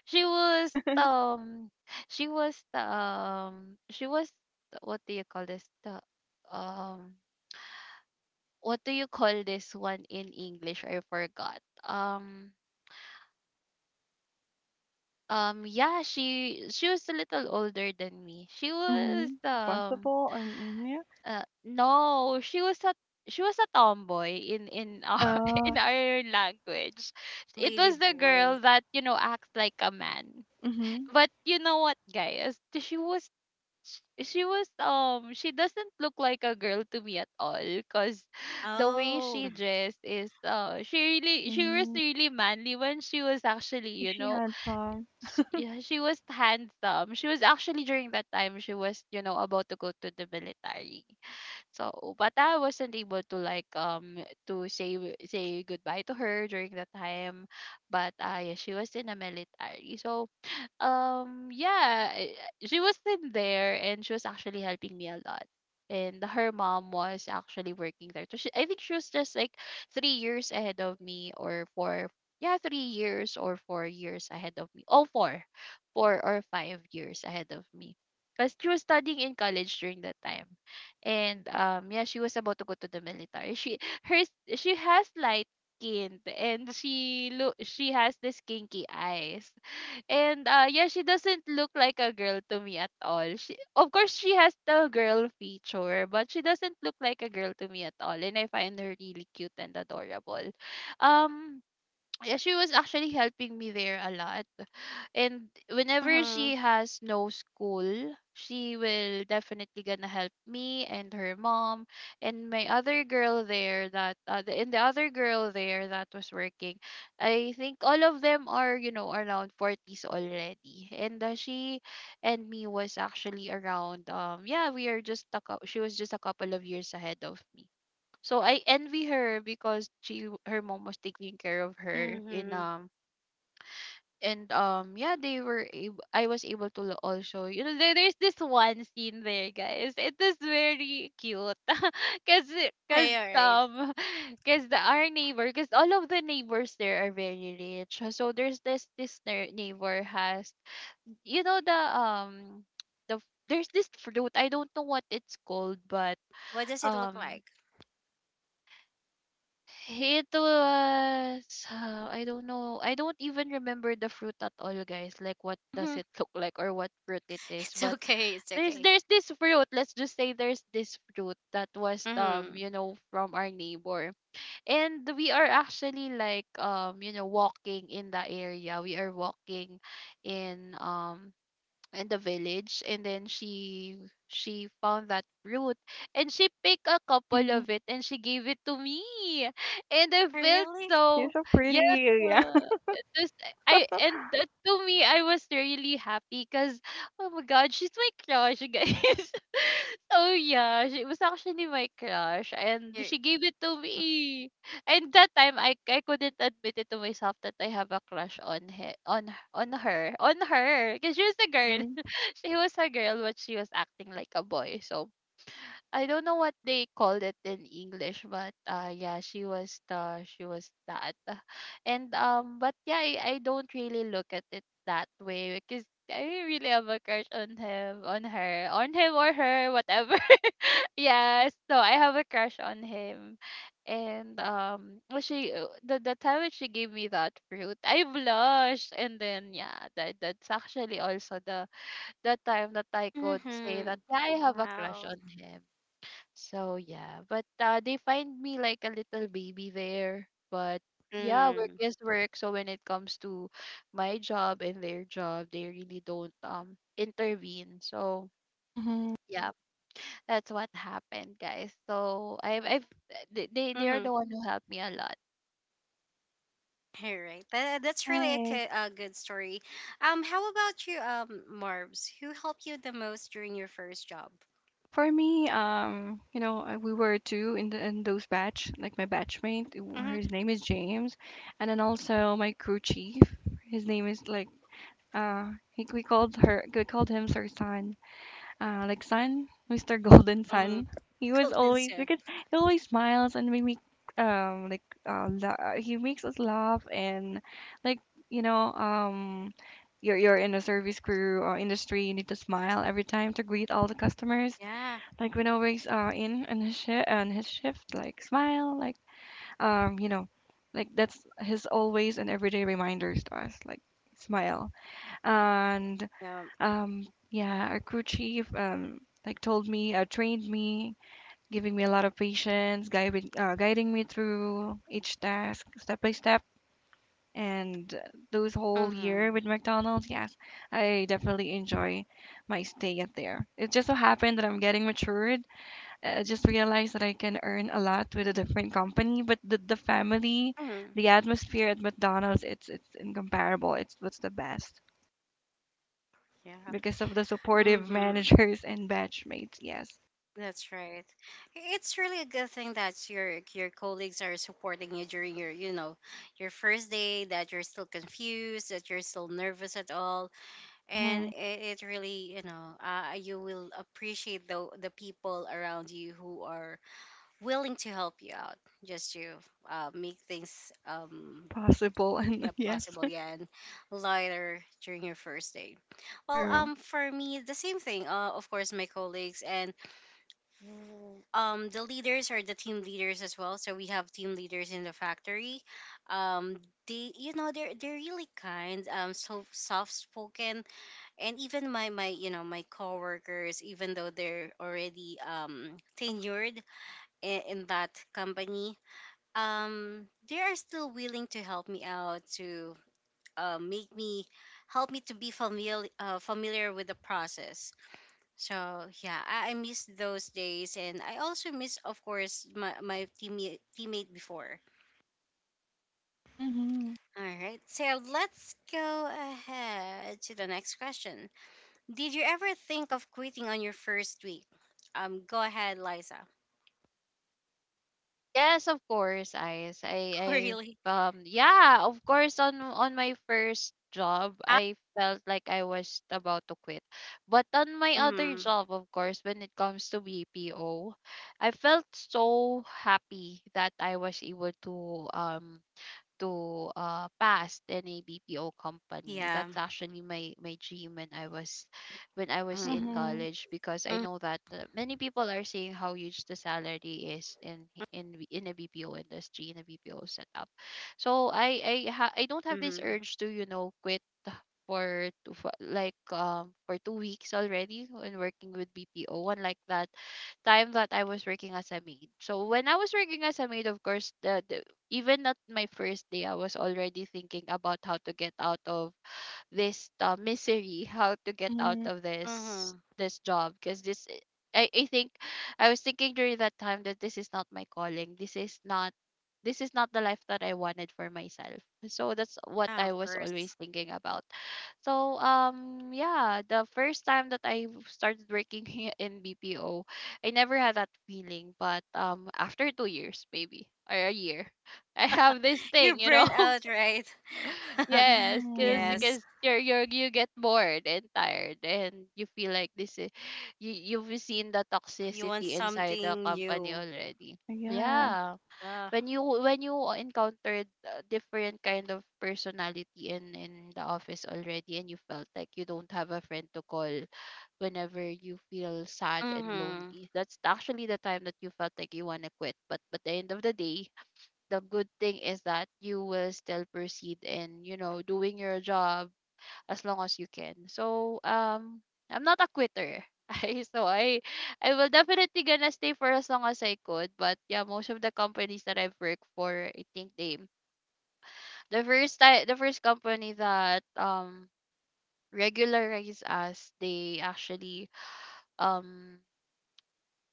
[SPEAKER 3] she was um, she was the- what do you call this? The um what do you call this one in English? I forgot. Um yeah, she was a little older than me. She was
[SPEAKER 2] Mm-hmm. Responsible and mm-hmm, yeah.
[SPEAKER 3] no, she was a tomboy in our
[SPEAKER 2] uh
[SPEAKER 3] in our language. It
[SPEAKER 1] Lady
[SPEAKER 3] was the
[SPEAKER 1] boy.
[SPEAKER 3] girl that, you know, acts like a man.
[SPEAKER 2] mm-hmm,
[SPEAKER 3] But you know what, guys? She was she doesn't look like a girl to me at all because the way
[SPEAKER 1] Oh.
[SPEAKER 3] she dressed is uh, she was
[SPEAKER 2] mm-hmm.
[SPEAKER 3] really manly when she was actually,
[SPEAKER 2] Is
[SPEAKER 3] you
[SPEAKER 2] she
[SPEAKER 3] know,
[SPEAKER 2] had some
[SPEAKER 3] yeah, she was handsome. She was actually, during that time, she was, you know, about to go to the military. So but I wasn't able to like to say goodbye to her during that time, but uh, yeah, she was in the military. So yeah, she was in there and she was actually helping me a lot. And her mom was actually working there. So she, I think she was just like 3 years ahead of me, or four. Yeah, 3 years or 4 years ahead of me. Oh, four, 4 or 5 years ahead of me. Because she was studying in college during that time, and yeah, she was about to go to the military. She has light skin, and she has this kinky eyes, and uh, yeah, she doesn't look like a girl to me at all. She, of course she has the girl feature, but she doesn't look like a girl to me at all. And I find her really cute and adorable. Um yeah, she was actually helping me there a lot, and whenever
[SPEAKER 1] Mhm.
[SPEAKER 3] she has no school, she will definitely gonna help me and her mom, and my other girl there that was working. I think all of them are, you know, around 40s already, and she and me was actually around, yeah, we are just she was just a couple of years ahead of me. So I envy her because she her mom was taking care of her in
[SPEAKER 1] Mhm.
[SPEAKER 3] and yeah, they were I was able to also, you know, there, there's this one scene there, guys, it is very cute. Because because
[SPEAKER 1] Hey, all right.
[SPEAKER 3] um because the our neighbor, because all of the neighbors there are very rich. So there's this ne- neighbor has, you know, the there's this fruit, I don't know what it's called, but
[SPEAKER 1] What does it look
[SPEAKER 3] um
[SPEAKER 1] like?
[SPEAKER 3] it was I don't know. I don't even remember the fruit at all, guys. Like, what does
[SPEAKER 1] Mhm.
[SPEAKER 3] it look like or what fruit it is.
[SPEAKER 1] It's
[SPEAKER 3] But
[SPEAKER 1] okay. It's
[SPEAKER 3] there's
[SPEAKER 1] okay.
[SPEAKER 3] this fruit. Let's just say there's this fruit that was
[SPEAKER 1] Mhm.
[SPEAKER 3] you know, from our neighbor. And we are actually like you know, walking in the area. We are walking in um in the village, and then she found that fruit, and she picked a couple
[SPEAKER 2] mm-hmm.
[SPEAKER 3] of it, and she gave it to me, and I
[SPEAKER 1] Oh,
[SPEAKER 3] felt
[SPEAKER 1] really?
[SPEAKER 2] You're
[SPEAKER 3] so
[SPEAKER 2] so
[SPEAKER 3] yeah.
[SPEAKER 2] pretty, yeah.
[SPEAKER 3] It was, I and that to me, I was really happy because, oh my god, she's my crush, you guys. So yeah, she was actually my crush, and
[SPEAKER 1] You-
[SPEAKER 3] she gave it to me. And that time, I couldn't admit it to myself that I have a crush on her. On her, because she was a girl.
[SPEAKER 2] Mm-hmm.
[SPEAKER 3] She was a girl, but she was acting like a boy. So I don't know what they called it in English, but uh, yeah, she was the she was that. And but yeah, I don't really look at it that way because I didn't really have a crush on him, on her, on him or her, whatever. Yeah, so I have a crush on him. And well, she the time when she gave me that fruit, I blushed, and then yeah, that that's actually also the time that I could say that,
[SPEAKER 1] Mhm.
[SPEAKER 3] yeah, I have a crush
[SPEAKER 1] Wow.
[SPEAKER 3] on him. So yeah, but they find me like a little baby there. But yeah, work
[SPEAKER 1] Mhm.
[SPEAKER 3] is work. So when it comes to my job and their job, they really don't intervene. So
[SPEAKER 2] Mm-hmm.
[SPEAKER 3] yeah, that's what happened, guys. So I've they they are
[SPEAKER 1] Mhm.
[SPEAKER 3] the one who helped me a lot.
[SPEAKER 1] All right. That's really a,
[SPEAKER 2] Nice.
[SPEAKER 1] ki- a good story. How about you, Marbs? Who helped you the most during your first job?
[SPEAKER 2] For me, you know, we were two in the in those batch, like my batchmate,
[SPEAKER 1] Mhm.
[SPEAKER 2] his name is James, and then also my crew chief, his name is like we called him Sir Sun, like Sun, Mr. Golden
[SPEAKER 1] Mhm.
[SPEAKER 2] Sun. He was
[SPEAKER 1] Golden
[SPEAKER 2] always
[SPEAKER 1] Sun.
[SPEAKER 2] because he always smiles, and we make like he makes us laugh, and like you know. You're in a service crew or industry, you need to smile every time to greet all the customers.
[SPEAKER 1] Yeah.
[SPEAKER 2] Like when always in and his shift, like smile, like you know, like that's his always and everyday reminders to us, like smile. And
[SPEAKER 1] Yeah.
[SPEAKER 2] yeah, our crew chief like told me, trained me, giving me a lot of patience, guiding me through each task step by step. And those whole year
[SPEAKER 1] Mhm.
[SPEAKER 2] with McDonald's, yes, I definitely enjoy my stay at there. It just so happened that I'm getting matured. I just realized that I can earn a lot with a different company, but the family,
[SPEAKER 1] Mhm.
[SPEAKER 2] the atmosphere at McDonald's, it's incomparable. It's what's the best
[SPEAKER 1] Yeah.
[SPEAKER 2] because of the supportive
[SPEAKER 1] Mhm.
[SPEAKER 2] managers and batchmates. Yes.
[SPEAKER 1] That's right. It's really a good thing that your colleagues are supporting you during your first day, that you're still confused, that you're still nervous at all, and
[SPEAKER 2] Mm-hmm.
[SPEAKER 1] it really you will appreciate the people around you who are willing to help you out, just to make things
[SPEAKER 2] Possible
[SPEAKER 1] yeah,
[SPEAKER 2] and yes,
[SPEAKER 1] possible, yeah, and lighter during your first day. Well,
[SPEAKER 2] true.
[SPEAKER 1] for me, the same thing. Of course, my colleagues and the leaders are the team leaders as well, so we have team leaders in the factory. um they, they're really kind, so soft spoken and even my my you know my coworkers, even though they're already tenured in that company, they are still willing to help me out, to make me help me to be familiar, familiar with the process. So yeah, I miss those days, and I also miss, of course, my teammate before.
[SPEAKER 2] Mm-hmm.
[SPEAKER 1] All right, so let's go ahead to the next question. Did you ever think of quitting on your first week? Go ahead, Liza.
[SPEAKER 3] Yes, of course, Ice. I
[SPEAKER 1] Oh,
[SPEAKER 3] I've
[SPEAKER 1] really?
[SPEAKER 3] yeah, of course, on my first job,
[SPEAKER 1] Ah,
[SPEAKER 3] I felt like I was about to quit. But on my other
[SPEAKER 1] mm,
[SPEAKER 3] job, of course, when it comes to BPO, I felt so happy that I was able to past in a BPO company.
[SPEAKER 1] yeah.
[SPEAKER 3] That's actually my my dream when I was in
[SPEAKER 1] Mm,
[SPEAKER 2] Mm-hmm.
[SPEAKER 3] college, because I
[SPEAKER 1] mm,
[SPEAKER 3] know that many people are saying how huge the salary is in a BPO industry, in a BPO setup. So I don't have this
[SPEAKER 1] mm,
[SPEAKER 3] urge to quit for two, for like for 2 weeks already when working with BPO one like that time that I was working as a maid. So when I was working as a maid, of course, even not my first day, I was already thinking about how to get out of this misery, how to get out
[SPEAKER 2] Mm-hmm.
[SPEAKER 3] of this
[SPEAKER 1] mm.
[SPEAKER 3] this job because this I think I was thinking during that time that this is not my calling. This is not the life that I wanted for myself. So that's what I
[SPEAKER 1] Of
[SPEAKER 3] was always
[SPEAKER 1] course.
[SPEAKER 3] thinking about. So yeah, the first time that I started working here in BPO, I never had that feeling, but after 2 years maybe or a year, I have this
[SPEAKER 1] You're
[SPEAKER 3] thing, you know.
[SPEAKER 1] burnt out, right?
[SPEAKER 3] Yes,
[SPEAKER 2] Mm-hmm.
[SPEAKER 1] Yes.
[SPEAKER 3] because you're you get bored and tired, and you feel like this is you you've seen the
[SPEAKER 1] You want
[SPEAKER 3] toxicity inside the
[SPEAKER 1] something
[SPEAKER 3] company
[SPEAKER 1] new.
[SPEAKER 3] already.
[SPEAKER 2] Yeah.
[SPEAKER 3] Yeah,
[SPEAKER 1] Uh,
[SPEAKER 3] when you encountered a different kind of personality in the office already, and you felt like you don't have a friend to call whenever you feel sad and
[SPEAKER 1] mm-hmm.
[SPEAKER 3] lonely, that's actually the time that you felt like you wanna quit. But the end of the day, the good thing is that you will still proceed in doing your job as long as you can. So I'm not a quitter. I, so I will definitely gonna stay for as long as I could, but yeah, most of the companies that I've worked for, I think the first company that regularized us, they actually um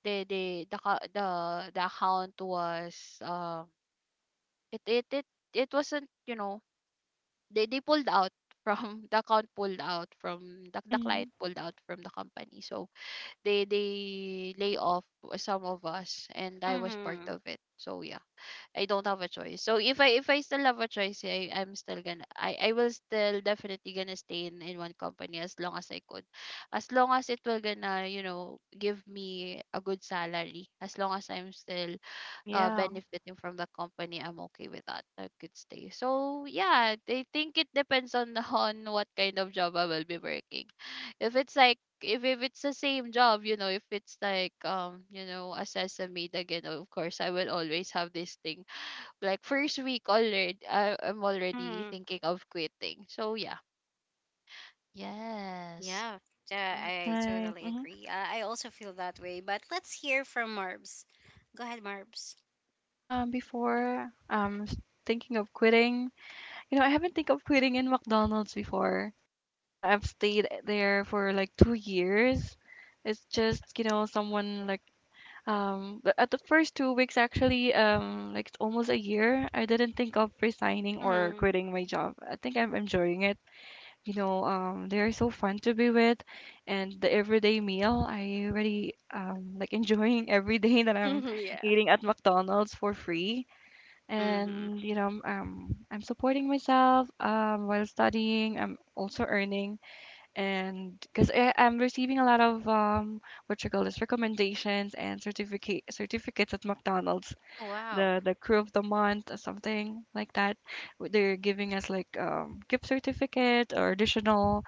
[SPEAKER 3] they the co- the account was um it it it it wasn't, you know, they pulled out from the account pulled out from the
[SPEAKER 2] Mm-hmm.
[SPEAKER 3] client pulled out from the company. So they lay off some of us, and I was part
[SPEAKER 1] Mm-hmm.
[SPEAKER 3] of it. So yeah, I don't have a choice. So if I still have a choice, I will still definitely gonna stay in one company as long as I could, as long as it will gonna give me a good salary, as long as I'm still
[SPEAKER 2] Yeah.
[SPEAKER 3] benefiting from the company, I'm okay with that. I could stay. So yeah, I think it depends on on what kind of job I will be working. If it's like if it's the same job, you know, if it's like you know, a sesame again, of course I will always have this thing. Like first week already I'm already
[SPEAKER 1] Mm,
[SPEAKER 3] thinking of quitting. So yeah. Yes.
[SPEAKER 1] yeah, yeah, I
[SPEAKER 2] Nice.
[SPEAKER 1] totally
[SPEAKER 2] Mm-hmm.
[SPEAKER 1] agree. I also feel that way. But let's hear from Marbs. Go ahead, Marbs.
[SPEAKER 2] Um, before um s- Thinking of quitting, you know, I haven't think of quitting in McDonald's before. You know, I've stayed there for like 2 years. It's just, you know, someone like but at the first 2 weeks actually, like it's almost a year, I didn't think of resigning or
[SPEAKER 1] Mm-hmm.
[SPEAKER 2] quitting my job. I think I'm enjoying it. You know, they're so fun to be with, and the everyday meal, I really like enjoying every day that I'm
[SPEAKER 1] Hmm, yeah.
[SPEAKER 2] eating at McDonald's for free.
[SPEAKER 1] Mm-hmm.
[SPEAKER 2] And you know, I'm supporting myself while studying. I'm also earning, and because I'm receiving a lot of what you call this, recommendations and certificates at McDonald's,
[SPEAKER 1] Wow.
[SPEAKER 2] the crew of the month or something like that. They're giving us like gift certificate or additional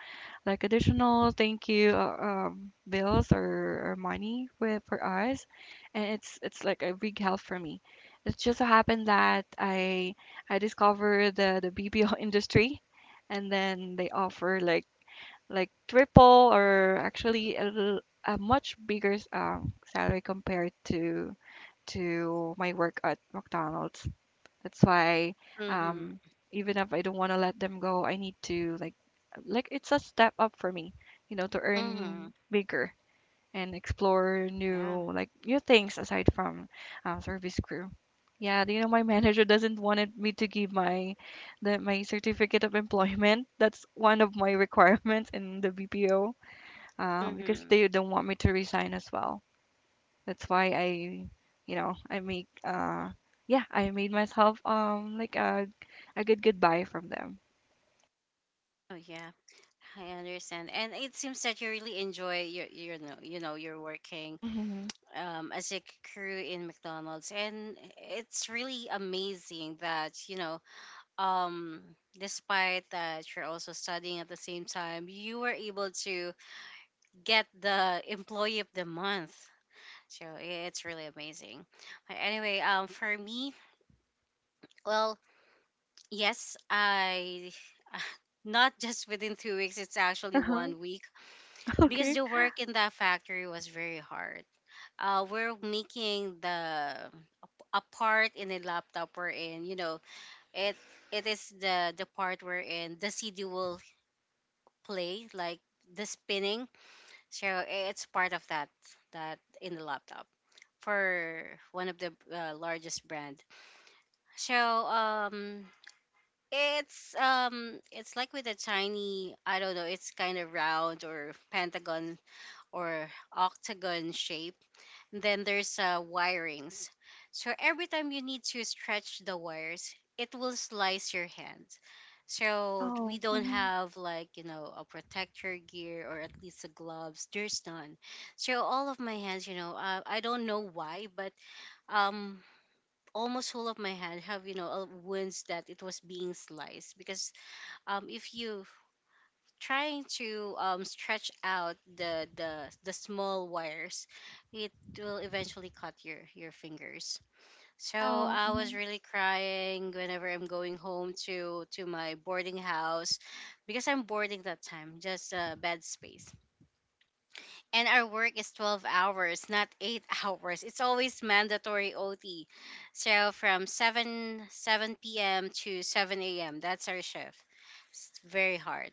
[SPEAKER 2] like additional thank you bills or money with for us, and it's like a big help for me. It just so happened that I discovered the BPO industry, and then they offer like triple or actually a much bigger salary compared to my work at McDonald's. That's why
[SPEAKER 1] Mm-hmm.
[SPEAKER 2] um, even if I don't want to let them go, I need to like it's a step up for me, you know, to
[SPEAKER 1] Mm-hmm.
[SPEAKER 2] earn bigger and explore
[SPEAKER 1] Yeah.
[SPEAKER 2] new like new things aside from service crew. Yeah, you know my manager doesn't wanted me to give my certificate of employment. That's one of my requirements in the BPO, because
[SPEAKER 1] Mm-hmm.
[SPEAKER 2] they don't want me to resign as well. That's why you know, I make yeah I made myself like a good goodbye from them.
[SPEAKER 1] Oh yeah, I understand. And it seems that you really enjoy your, you know, you're working
[SPEAKER 2] Mm-hmm.
[SPEAKER 1] as a crew in McDonald's, and it's really amazing that um despite that you're also studying at the same time, you were able to get the employee of the month. So it's really amazing. But anyway, for me, well, yes, I not just within 2 weeks, it's actually
[SPEAKER 2] Uh-huh.
[SPEAKER 1] 1 week, because
[SPEAKER 2] Okay.
[SPEAKER 1] the work in that factory was very hard. We're making the a part in a laptop we're in, you know, it it is the part we're in the CD will play like the spinning. So it's part of that that in the laptop for one of the largest brand. So um it's like with a tiny, I don't know, it's kind of round or pentagon or octagon shape, then there's wirings. So every time you need to stretch the wires, it will slice your hand. So we
[SPEAKER 2] Oh.
[SPEAKER 1] don't
[SPEAKER 2] Mm-hmm.
[SPEAKER 1] have like, you know, a protector gear or at least a gloves. There's none. So all of my hands, you know, I don't know why, but um almost all of my hand have, you know, wounds that it was being sliced because if you trying to stretch out the small wires, it will eventually cut your fingers. So
[SPEAKER 2] Oh.
[SPEAKER 1] I was
[SPEAKER 2] Mm-hmm.
[SPEAKER 1] really crying whenever I'm going home to my boarding house, because I'm boarding that time, just a bed space. And our work is 12 hours, not 8 hours. It's always mandatory OT. So from 7 7 p.m. to 7 a.m. That's our shift. It's very hard,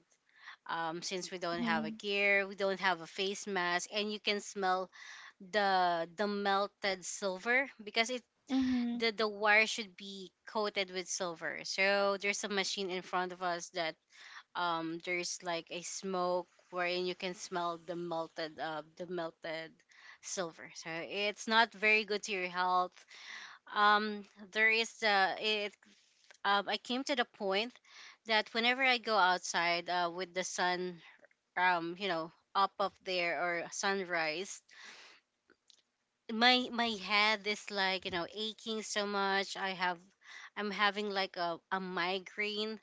[SPEAKER 1] since we don't have a
[SPEAKER 2] Mm-hmm.
[SPEAKER 1] gear, we don't have a face mask, and you can smell the melted silver because it
[SPEAKER 2] Mm-hmm.
[SPEAKER 1] the wire should be coated with silver. So there's a machine in front of us that there's like a smoke wherein you can smell the melted silver. So it's not very good to your health. Um, there is it I came to the point that whenever I go outside, uh, with the sun, you know, up of there or sunrise, my head is like, you know, aching so much. I'm having like a migraine,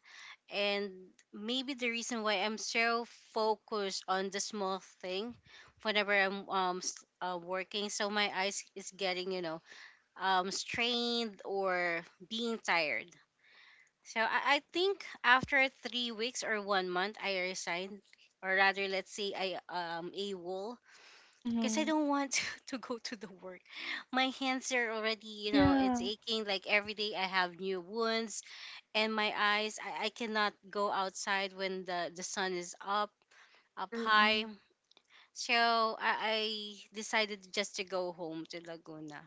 [SPEAKER 1] and maybe the reason why I'm so focused on the small thing whenever I'm working, so my eyes is getting strained or being tired. So I think after 3 weeks or 1 month I resigned, or rather let's say I a because I
[SPEAKER 2] Mm-hmm.
[SPEAKER 1] don't want to, to go to the work. My hands are already, it's
[SPEAKER 2] Yeah,
[SPEAKER 1] aching. Like every day I have new wounds, and my eyes, I cannot go outside when the sun is up,
[SPEAKER 2] true.
[SPEAKER 1] high.
[SPEAKER 2] Mm.
[SPEAKER 1] So I decided just to go home to Laguna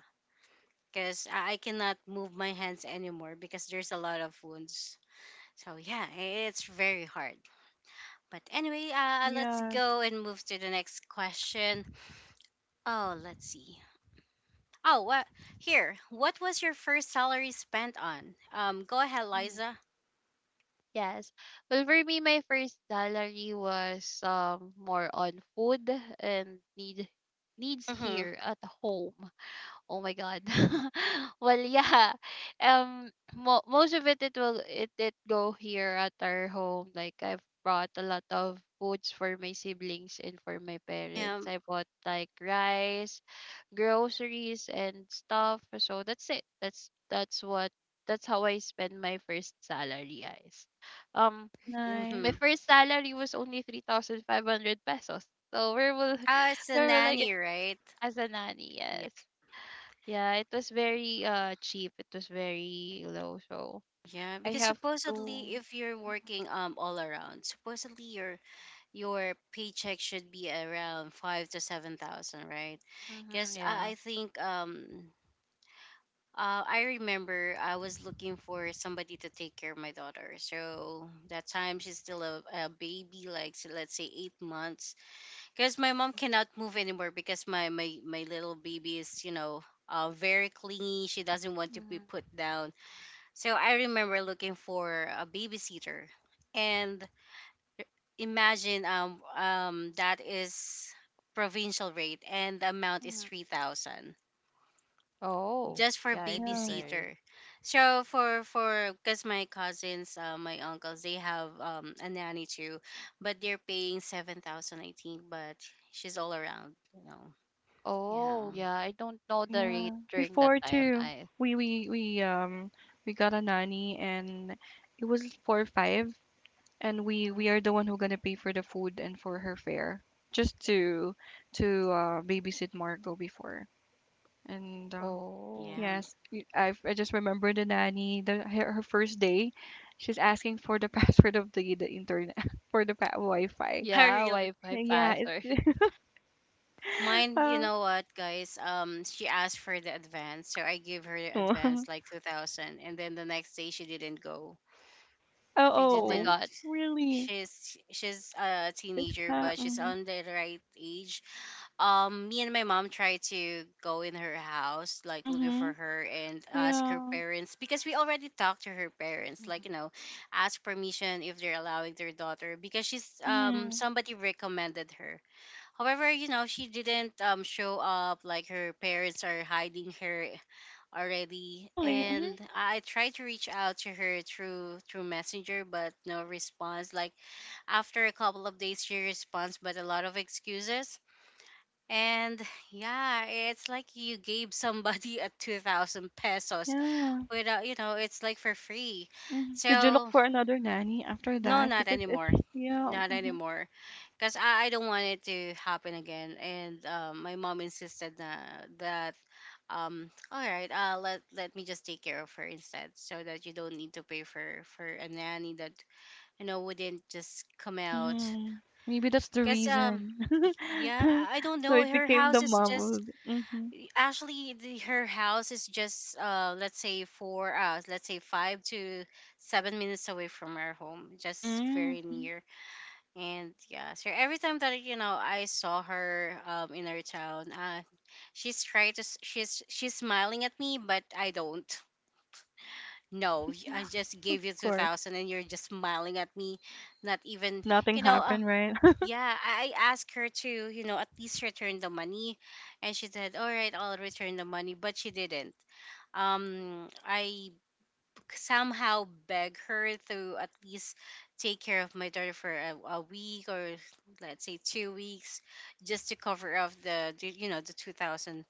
[SPEAKER 1] because I cannot move my hands anymore because there's a lot of wounds. So yeah, it's very hard. But anyway, let's
[SPEAKER 2] Yes,
[SPEAKER 1] go and move to the next question. Oh, let's see. Oh, what here? What was your first salary spent on? Go ahead,
[SPEAKER 3] Mhm.
[SPEAKER 1] Liza.
[SPEAKER 3] Yes. Well, for me, my first salary was more on food and needs
[SPEAKER 1] Mm-hmm.
[SPEAKER 3] here at home. Oh my God. Well, yeah. Mo most of it it will it did go here at our home. Like I've brought a lot of foods for my siblings and for my
[SPEAKER 1] Yeah.
[SPEAKER 3] parents. I bought like rice, groceries, and stuff. So that's it. That's how I spend my first salary, guys. Um, my
[SPEAKER 1] Mm-hmm.
[SPEAKER 2] nice.
[SPEAKER 3] first salary was only 3,500 pesos. So where will
[SPEAKER 1] It's a
[SPEAKER 3] where will I get
[SPEAKER 1] nanny, right?
[SPEAKER 3] as a nanny?
[SPEAKER 1] Yeah.
[SPEAKER 3] Yes. Yeah, it was very cheap. It was very low, so
[SPEAKER 1] Yeah,
[SPEAKER 3] I
[SPEAKER 1] because
[SPEAKER 3] have to.
[SPEAKER 1] supposedly, if you're working all around, supposedly your paycheck should be around five to seven thousand, right?
[SPEAKER 3] Mm-hmm,
[SPEAKER 1] Because
[SPEAKER 3] yeah.
[SPEAKER 1] I think. I remember I was looking for somebody to take care of my daughter. So that time she's still a baby, like, so let's say 8 months, because my mom cannot move anymore because my little baby is, you know, very clingy, she doesn't want to be
[SPEAKER 3] Mm-hmm.
[SPEAKER 1] put down. So I remember looking for a babysitter, and imagine, that is provincial rate, and the amount is
[SPEAKER 3] Hmm.
[SPEAKER 1] 3000,
[SPEAKER 3] Oh,
[SPEAKER 1] just for
[SPEAKER 3] yeah. It was
[SPEAKER 2] Yeah,
[SPEAKER 3] very.
[SPEAKER 1] babysitter. So for because my cousins, my uncles, they have a nanny too, but they're paying 7000, I think, but she's all around, you know? Yeah,
[SPEAKER 3] Oh, yeah. I don't know the rate
[SPEAKER 2] yeah.
[SPEAKER 3] during that
[SPEAKER 2] Before
[SPEAKER 3] time.
[SPEAKER 2] too,
[SPEAKER 3] I.
[SPEAKER 2] we we we um we got a nanny, and it was four five, and
[SPEAKER 3] Mm-hmm.
[SPEAKER 2] we are the one who gonna pay for the food and for her fare, just to babysit Margot before. And
[SPEAKER 3] Oh,
[SPEAKER 1] yeah.
[SPEAKER 2] yes, I just remember the nanny, the her, her first day, she's asking for the password of the internet Wi-Fi.
[SPEAKER 1] I
[SPEAKER 3] yeah.
[SPEAKER 1] really
[SPEAKER 3] Wi-Fi
[SPEAKER 2] Yeah,
[SPEAKER 3] password.
[SPEAKER 2] it's
[SPEAKER 1] mine. You
[SPEAKER 2] uh.
[SPEAKER 1] know what, guys? She asked for the advance, so I gave her the advance, like 2,000, and then the next day she didn't go.
[SPEAKER 2] Oh
[SPEAKER 1] I
[SPEAKER 3] Oh my
[SPEAKER 2] oh,
[SPEAKER 1] didn't.
[SPEAKER 3] God.
[SPEAKER 2] really,
[SPEAKER 1] She's a
[SPEAKER 2] just
[SPEAKER 1] teenager,
[SPEAKER 2] ca
[SPEAKER 1] but she's
[SPEAKER 2] mhm,
[SPEAKER 1] on the right age. Me and my mom tried to go in her house, like looking for
[SPEAKER 2] mhm,
[SPEAKER 1] her and ask her
[SPEAKER 2] yeah,
[SPEAKER 1] parents, because we already talked to her parents, like,
[SPEAKER 3] Hmm.
[SPEAKER 1] you know, ask permission if they're allowing their daughter, because she's,
[SPEAKER 2] mhm,
[SPEAKER 1] somebody recommended her. However, you know, she didn't show up, like, her parents are hiding her already.
[SPEAKER 2] really, mhm,
[SPEAKER 1] And I tried to reach out to her through Messenger, but no response. Like, after a couple of days she responds, but a lot of excuses. And yeah, it's like you gave somebody a 2000 pesos
[SPEAKER 2] yeah,
[SPEAKER 1] without, you know, it's like for free.
[SPEAKER 2] mhm. Did you look
[SPEAKER 1] So
[SPEAKER 2] for another nanny after
[SPEAKER 1] no,
[SPEAKER 2] that?
[SPEAKER 1] not
[SPEAKER 2] Because it's
[SPEAKER 1] anymore.
[SPEAKER 2] yeah,
[SPEAKER 1] Not
[SPEAKER 2] mhm,
[SPEAKER 1] anymore. Because I don't want it to happen again. And my mom insisted that, all right, let me just take care of her instead, so that you don't need to pay for a nanny that, you know, wouldn't just come out.
[SPEAKER 2] mhm. Maybe that's the
[SPEAKER 1] Because,
[SPEAKER 2] reason.
[SPEAKER 1] yeah, I don't
[SPEAKER 2] So
[SPEAKER 1] know.
[SPEAKER 2] it
[SPEAKER 1] Her
[SPEAKER 2] became
[SPEAKER 1] house
[SPEAKER 2] the
[SPEAKER 1] is
[SPEAKER 2] mom
[SPEAKER 1] just,
[SPEAKER 2] of mhm,
[SPEAKER 1] Actually, the, her house is just, let's say four, let's say 5 to 7 minutes away from our home, just
[SPEAKER 2] mm,
[SPEAKER 1] very
[SPEAKER 2] of
[SPEAKER 1] near. And yeah, so every time that, you know, I saw her in our town, she's trying to she's smiling at me, but I don't. No, I just gave you two
[SPEAKER 2] course.
[SPEAKER 1] thousand, and you're just smiling at me. Not even,
[SPEAKER 2] Just nothing
[SPEAKER 1] you know.
[SPEAKER 2] happened, right?
[SPEAKER 1] Yeah, I asked her to, you know, at least return the money, and she said, "All right, I'll return the money," but she didn't. I somehow beg her to at least take care of my daughter for a week, or let's say 2 weeks, just to cover up the you know, the 2000,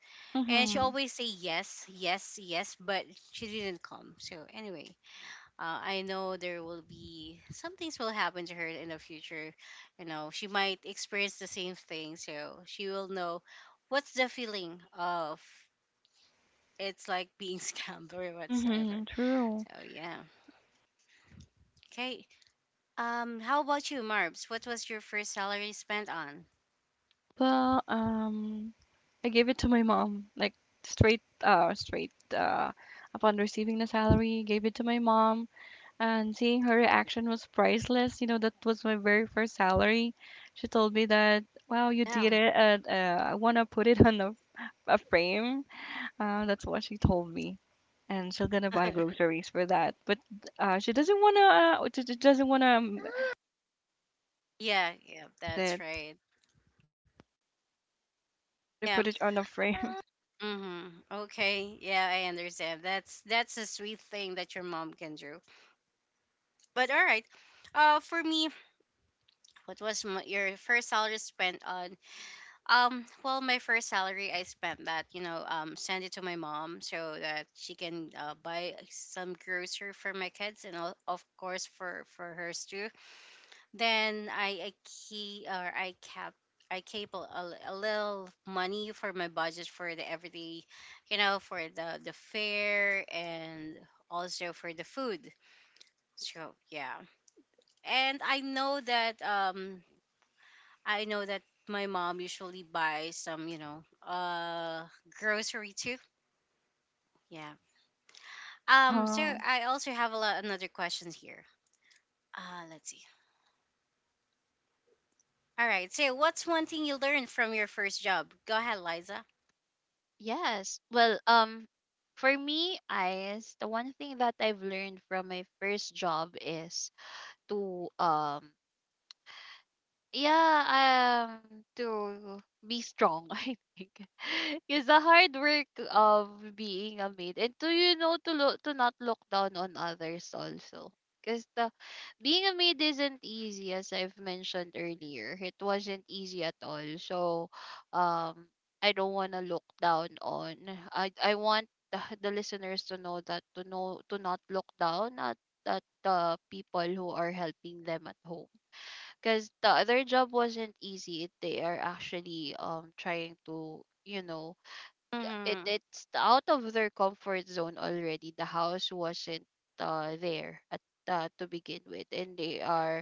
[SPEAKER 1] and she
[SPEAKER 2] Mhm,
[SPEAKER 1] always say yes, yes, yes, but she didn't come. So anyway, I know there will be some things will happen to her in the future. You know, she might experience the same thing, so she will know what's the feeling of, it's like being scammed or whatsoever.
[SPEAKER 2] mhm, true.
[SPEAKER 1] So yeah. Okay. How about you, Marbs? What was your first salary spent on?
[SPEAKER 2] Well, I gave it to my mom, like straight, upon receiving the salary, gave it to my mom, and seeing her reaction was priceless. You know, that was my very first salary. She told me that, wow, you
[SPEAKER 1] Yeah.
[SPEAKER 2] did it, and I wanna put it on a frame. That's what she told me. And she's gonna buy groceries for that, but she doesn't wanna
[SPEAKER 1] Yeah, yeah,
[SPEAKER 2] use
[SPEAKER 1] that's
[SPEAKER 2] it.
[SPEAKER 1] right. Yeah.
[SPEAKER 2] Wanna put it on a frame.
[SPEAKER 1] Mm-hmm. Okay. Yeah, I understand. That's a sweet thing that your mom can do. But all right. For me, what was your first salary spent on? Well, my first salary, I spent that, you know, send it to my mom, so that she can, buy some grocery for my kids and all, of course for hers too. Then I key, or I cap, I cable a, a little money for my budget for the everyday, you know, for the fare and also for the food. So yeah, and I know that I know that my mom usually buys some, you know, grocery too. Yeah. Um, so
[SPEAKER 2] Uh-huh.
[SPEAKER 1] I also have a lot another questions here. Let's see. All right. So what's one thing you learned from your first job? Go ahead, Liza.
[SPEAKER 3] Yes. Well, for me, I the one thing that I've learned from my first job is to yeah, to be strong, I think, it's the hard work of being a maid, and to you know to look to not look down on others also, because the being a maid isn't easy, as I've mentioned earlier. It wasn't easy at all. So, um, I don't want to look down on. I want the listeners to know to not look down at the people who are helping them at home, because the other job wasn't easy. They are actually trying to it
[SPEAKER 1] Mm-hmm.
[SPEAKER 3] it's out of their comfort zone already. The house wasn't there at to begin with, and they are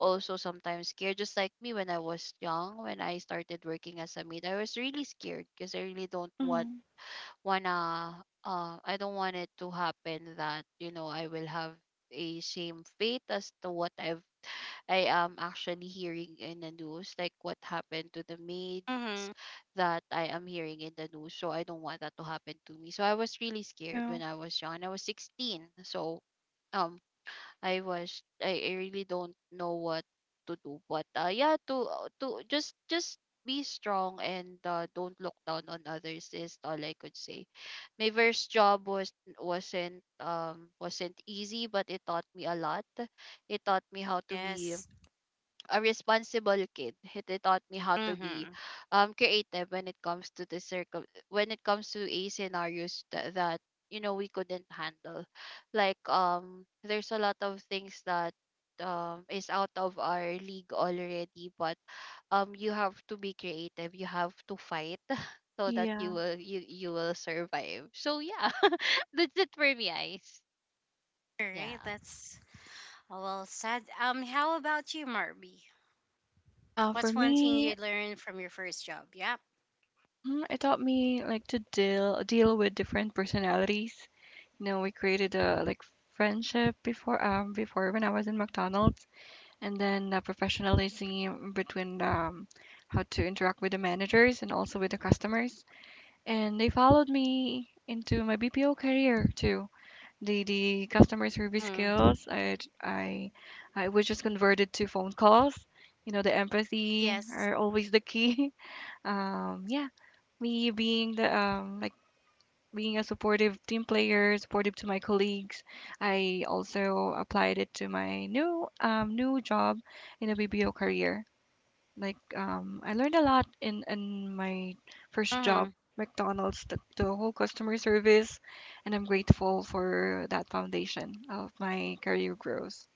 [SPEAKER 3] also sometimes scared. Just like me when I was young, when I started working as a maid, I was really scared because I really don't want
[SPEAKER 2] hmm
[SPEAKER 3] wanna I don't want it to happen that you know I will have a same fate as to what I've I am actually hearing in the news, like what happened to the maids
[SPEAKER 1] Mm-hmm.
[SPEAKER 3] that I am hearing in the news. So I don't want that to happen to me. So I was really scared
[SPEAKER 2] Yeah.
[SPEAKER 3] when I was young. I was 16. So um I really don't know what to do. But yeah, to just be strong and don't look down on others is all I could say. My first job wasn't easy, but it taught me a lot. It taught me how to be
[SPEAKER 1] Yes.
[SPEAKER 3] a responsible kid. He They taught me how to be
[SPEAKER 1] Mm-hmm.
[SPEAKER 3] creative when it comes to the circle when it comes to a scenarios that you know we couldn't handle. Like there's a lot of things that is out of our league already, but you have to be creative. You have to fight so that
[SPEAKER 2] Yeah.
[SPEAKER 3] you will survive. So yeah, that's it for me, Ice.
[SPEAKER 1] All right.
[SPEAKER 3] Yeah.
[SPEAKER 1] That's well said. How about you, Marby?
[SPEAKER 2] For
[SPEAKER 1] What's one thing
[SPEAKER 2] me,
[SPEAKER 1] you learned from your first job? Yep.
[SPEAKER 2] mhm, it taught me like to deal with different personalities. You know, we created a like friendship before before when I was in McDonald's, and then the professionalism between how to interact with the managers and also with the customers. And they followed me into my BPO career too. The customer service
[SPEAKER 1] Mm.
[SPEAKER 2] skills I I was just converted to phone calls. You know, the empathy
[SPEAKER 1] Yes.
[SPEAKER 2] are always the key, um, yeah, me being the like being a supportive team player, supportive to my colleagues. I also applied it to my new new job in a bbo career. Like, I learned a lot in my first job
[SPEAKER 1] Mm-hmm.
[SPEAKER 2] McDonald's, the whole customer service, and I'm grateful for that foundation of my career growth.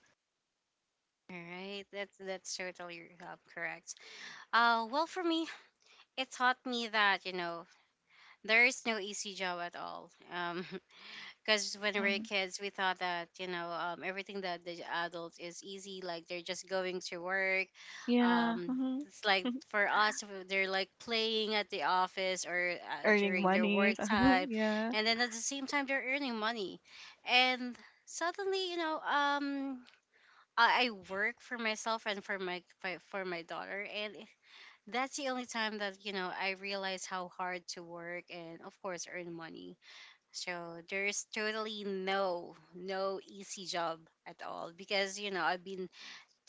[SPEAKER 1] All right. That's totally, correct. Well, for me, it taught me that, you know, there is no easy job at all. Because when we were
[SPEAKER 2] Hmm
[SPEAKER 1] kids, we thought that, you know, everything that the adults is easy, like they're just going to work,
[SPEAKER 2] yeah.
[SPEAKER 1] um,
[SPEAKER 2] hmm
[SPEAKER 1] it's like for us, they're like playing at the office or,
[SPEAKER 2] earning
[SPEAKER 1] during their work
[SPEAKER 2] monies.
[SPEAKER 1] time,
[SPEAKER 2] Yeah,
[SPEAKER 1] and then at the same time they're earning money. And suddenly, you know, I work for myself and for my, for my daughter, and that's the only time that, you know, I realize how hard to work and of course earn money. So there's totally no easy job at all, because, you know, I've been,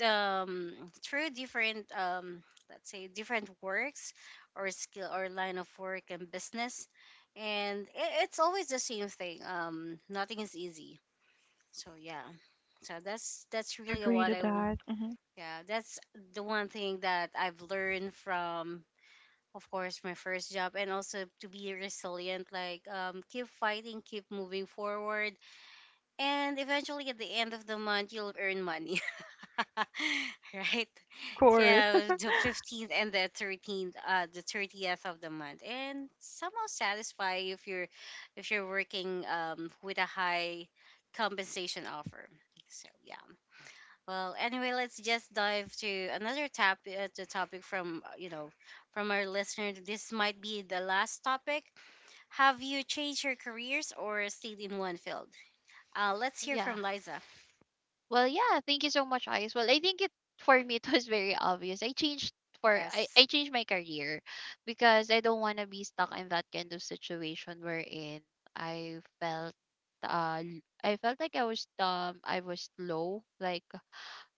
[SPEAKER 1] um, through different, um, let's say different works or skill or line of work and business, and it's always the same thing, um, nothing is easy. So yeah. So that's
[SPEAKER 2] I
[SPEAKER 1] really
[SPEAKER 2] agree
[SPEAKER 1] what
[SPEAKER 2] to
[SPEAKER 1] I w-
[SPEAKER 2] that. Hmm
[SPEAKER 1] yeah, that's the one thing that I've learned from, of course, my first job. And also to be resilient, like, keep fighting, keep moving forward, and eventually at the end of the month you'll earn money. Right?
[SPEAKER 2] of course.
[SPEAKER 1] Yeah, the 15th and the 13th, the 30th of the month, and somehow satisfy if you're, if you're working, with a high compensation offer. So yeah. Well, anyway, let's just dive to another tap to topic from, you know, from our listener. This might be the last topic. Have you changed your careers or stayed in one field? Let's hear
[SPEAKER 3] Yeah.
[SPEAKER 1] from Liza.
[SPEAKER 3] Well, yeah, thank you so much, Ice. Well, I think it for me it was very obvious.
[SPEAKER 1] Yes.
[SPEAKER 3] I changed my career because I don't want to be stuck in that kind of situation wherein I felt I felt like I was low, like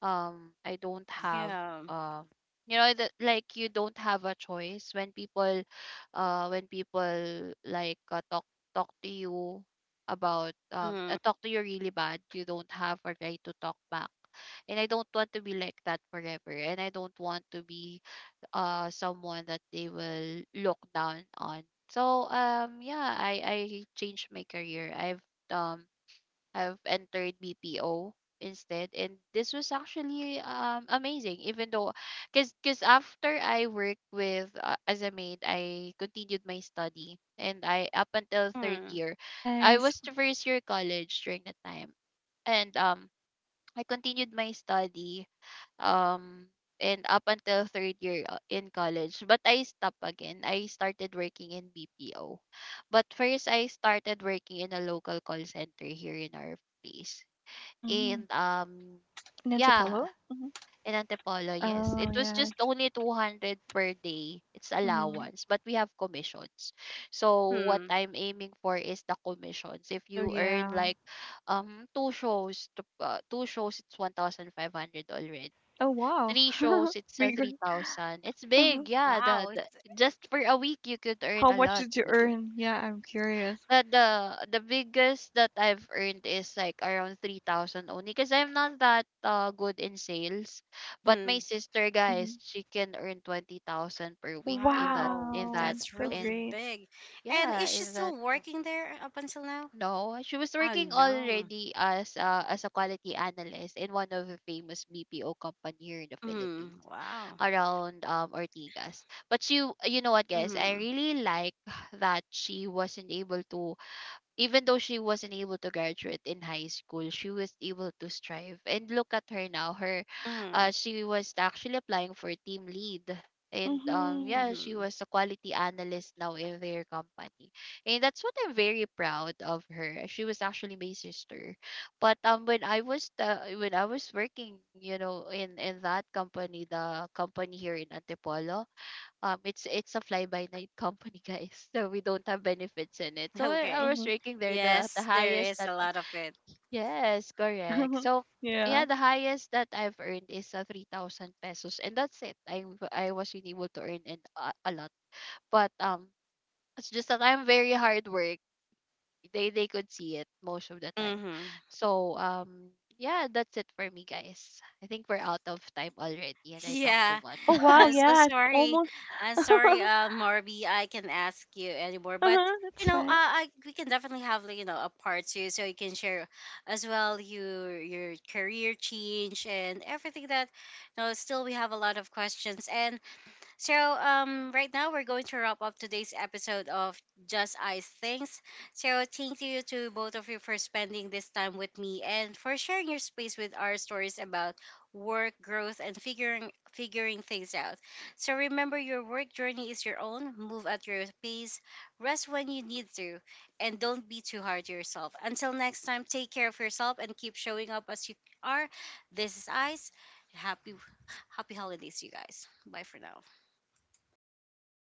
[SPEAKER 3] I don't have
[SPEAKER 1] Yeah.
[SPEAKER 3] um you know, that like you don't have a choice when people like talk to you about
[SPEAKER 1] Hmm.
[SPEAKER 3] talk to you really bad, you don't have a right to talk back. And I don't want to be like that forever, and I don't want to be someone that they will look down on. So yeah, I changed my career. Um I've entered BPO instead, and this was actually amazing, even though cuz after I worked with as a maid, I continued my study and I up until third
[SPEAKER 1] Hmm.
[SPEAKER 3] year I
[SPEAKER 2] Nice.
[SPEAKER 3] was to first year college during that time. And I continued my study um and up until third year in college, but I stopped again. I started working in BPO, but first I started working in a local call center here in our place.
[SPEAKER 2] Mhm.
[SPEAKER 3] And
[SPEAKER 2] In
[SPEAKER 3] yeah,
[SPEAKER 2] Antipolo? Mhm.
[SPEAKER 3] in Antipolo, yes, it
[SPEAKER 2] Oh,
[SPEAKER 3] was just
[SPEAKER 2] yes.
[SPEAKER 3] only 200 per day. It's
[SPEAKER 2] Mhm.
[SPEAKER 3] allowance, but we have commissions. So what
[SPEAKER 1] Hmm.
[SPEAKER 3] I'm aiming for is the commissions. If
[SPEAKER 2] Oh,
[SPEAKER 3] you earn
[SPEAKER 2] yeah.
[SPEAKER 3] like two shows, it's 1500 already.
[SPEAKER 2] Oh, wow.
[SPEAKER 3] Three shows, it's a
[SPEAKER 2] Bigger.
[SPEAKER 3] 3000. It's big.
[SPEAKER 2] Mhm.
[SPEAKER 3] Yeah,
[SPEAKER 1] Wow.
[SPEAKER 3] the
[SPEAKER 1] It's,
[SPEAKER 3] just for a week you could earn
[SPEAKER 2] How
[SPEAKER 3] a
[SPEAKER 2] much
[SPEAKER 3] lot.
[SPEAKER 2] did you
[SPEAKER 3] But if
[SPEAKER 2] earn? Yeah, I'm curious.
[SPEAKER 3] the the, the biggest that I've earned is like around 3000 only, because I'm not that good in sales. But my
[SPEAKER 1] hmm.
[SPEAKER 3] sister, guys,
[SPEAKER 2] Hmm
[SPEAKER 3] she can earn 20,000 per week in that
[SPEAKER 1] Wow.
[SPEAKER 3] in that
[SPEAKER 2] Wow,
[SPEAKER 1] That's
[SPEAKER 2] so
[SPEAKER 1] really
[SPEAKER 3] in
[SPEAKER 2] great.
[SPEAKER 1] big. And
[SPEAKER 3] Yeah,
[SPEAKER 1] is she
[SPEAKER 3] in that.
[SPEAKER 1] still working there up until now?
[SPEAKER 3] No, she was
[SPEAKER 1] Oh
[SPEAKER 3] working
[SPEAKER 1] no.
[SPEAKER 3] already as a quality analyst in one of the famous BPO company here in the Philippines
[SPEAKER 1] Hmm. Wow.
[SPEAKER 3] around Ortigas. But she, you know what, guys, I
[SPEAKER 1] Hmm.
[SPEAKER 3] really like that she wasn't able to even though she wasn't able to graduate in high school, she was able to strive. And look at her now.
[SPEAKER 1] Hmm.
[SPEAKER 3] She was actually applying for team lead. And yeah,
[SPEAKER 2] Hmm
[SPEAKER 3] she
[SPEAKER 1] Hmm.
[SPEAKER 3] was a quality analyst now in their company. And that's what I'm very proud of her. She was actually my sister. But when when I was working, you know, in that company, the company here in Antipolo, it's a fly by night company, guys. So we don't have benefits in it, so I
[SPEAKER 1] Okay.
[SPEAKER 3] was
[SPEAKER 2] hmm
[SPEAKER 3] ranking there the
[SPEAKER 1] Yes, there
[SPEAKER 3] highest
[SPEAKER 1] is
[SPEAKER 3] that
[SPEAKER 1] a lot of it.
[SPEAKER 3] yes, correct. So
[SPEAKER 2] Yeah.
[SPEAKER 3] yeah, the highest that I've earned is 3000 pesos, and that's it. I wasn't able to earn and a lot. But it's just that I'm very hard work. They could see it most of the time.
[SPEAKER 1] Mm-hmm.
[SPEAKER 3] So yeah, that's it for me, guys. I think we're out of time already, and I talked too
[SPEAKER 1] Yeah,
[SPEAKER 3] much.
[SPEAKER 2] Oh, wow.
[SPEAKER 1] I'm so
[SPEAKER 2] Yes.
[SPEAKER 1] sorry.
[SPEAKER 2] Almost.
[SPEAKER 1] I'm sorry, Morby. I can ask you anymore, but
[SPEAKER 2] Uh-huh. That's
[SPEAKER 1] you know,
[SPEAKER 2] fine.
[SPEAKER 1] I, we can definitely have, like, you know, a part two, so you can share as well your career change and everything that. You know, still we have a lot of questions, and so, right now we're going to wrap up today's episode of Just Ice Things. So, thank you to both of you for spending this time with me and for sharing your space with our stories about work, growth, and figuring things out. So, remember, your work journey is your own. Move at your pace, rest when you need to, and don't be too hard to yourself. Until next time, take care of yourself and keep showing up as you are. This is Ice. Happy Happy holidays, you guys. Bye for now.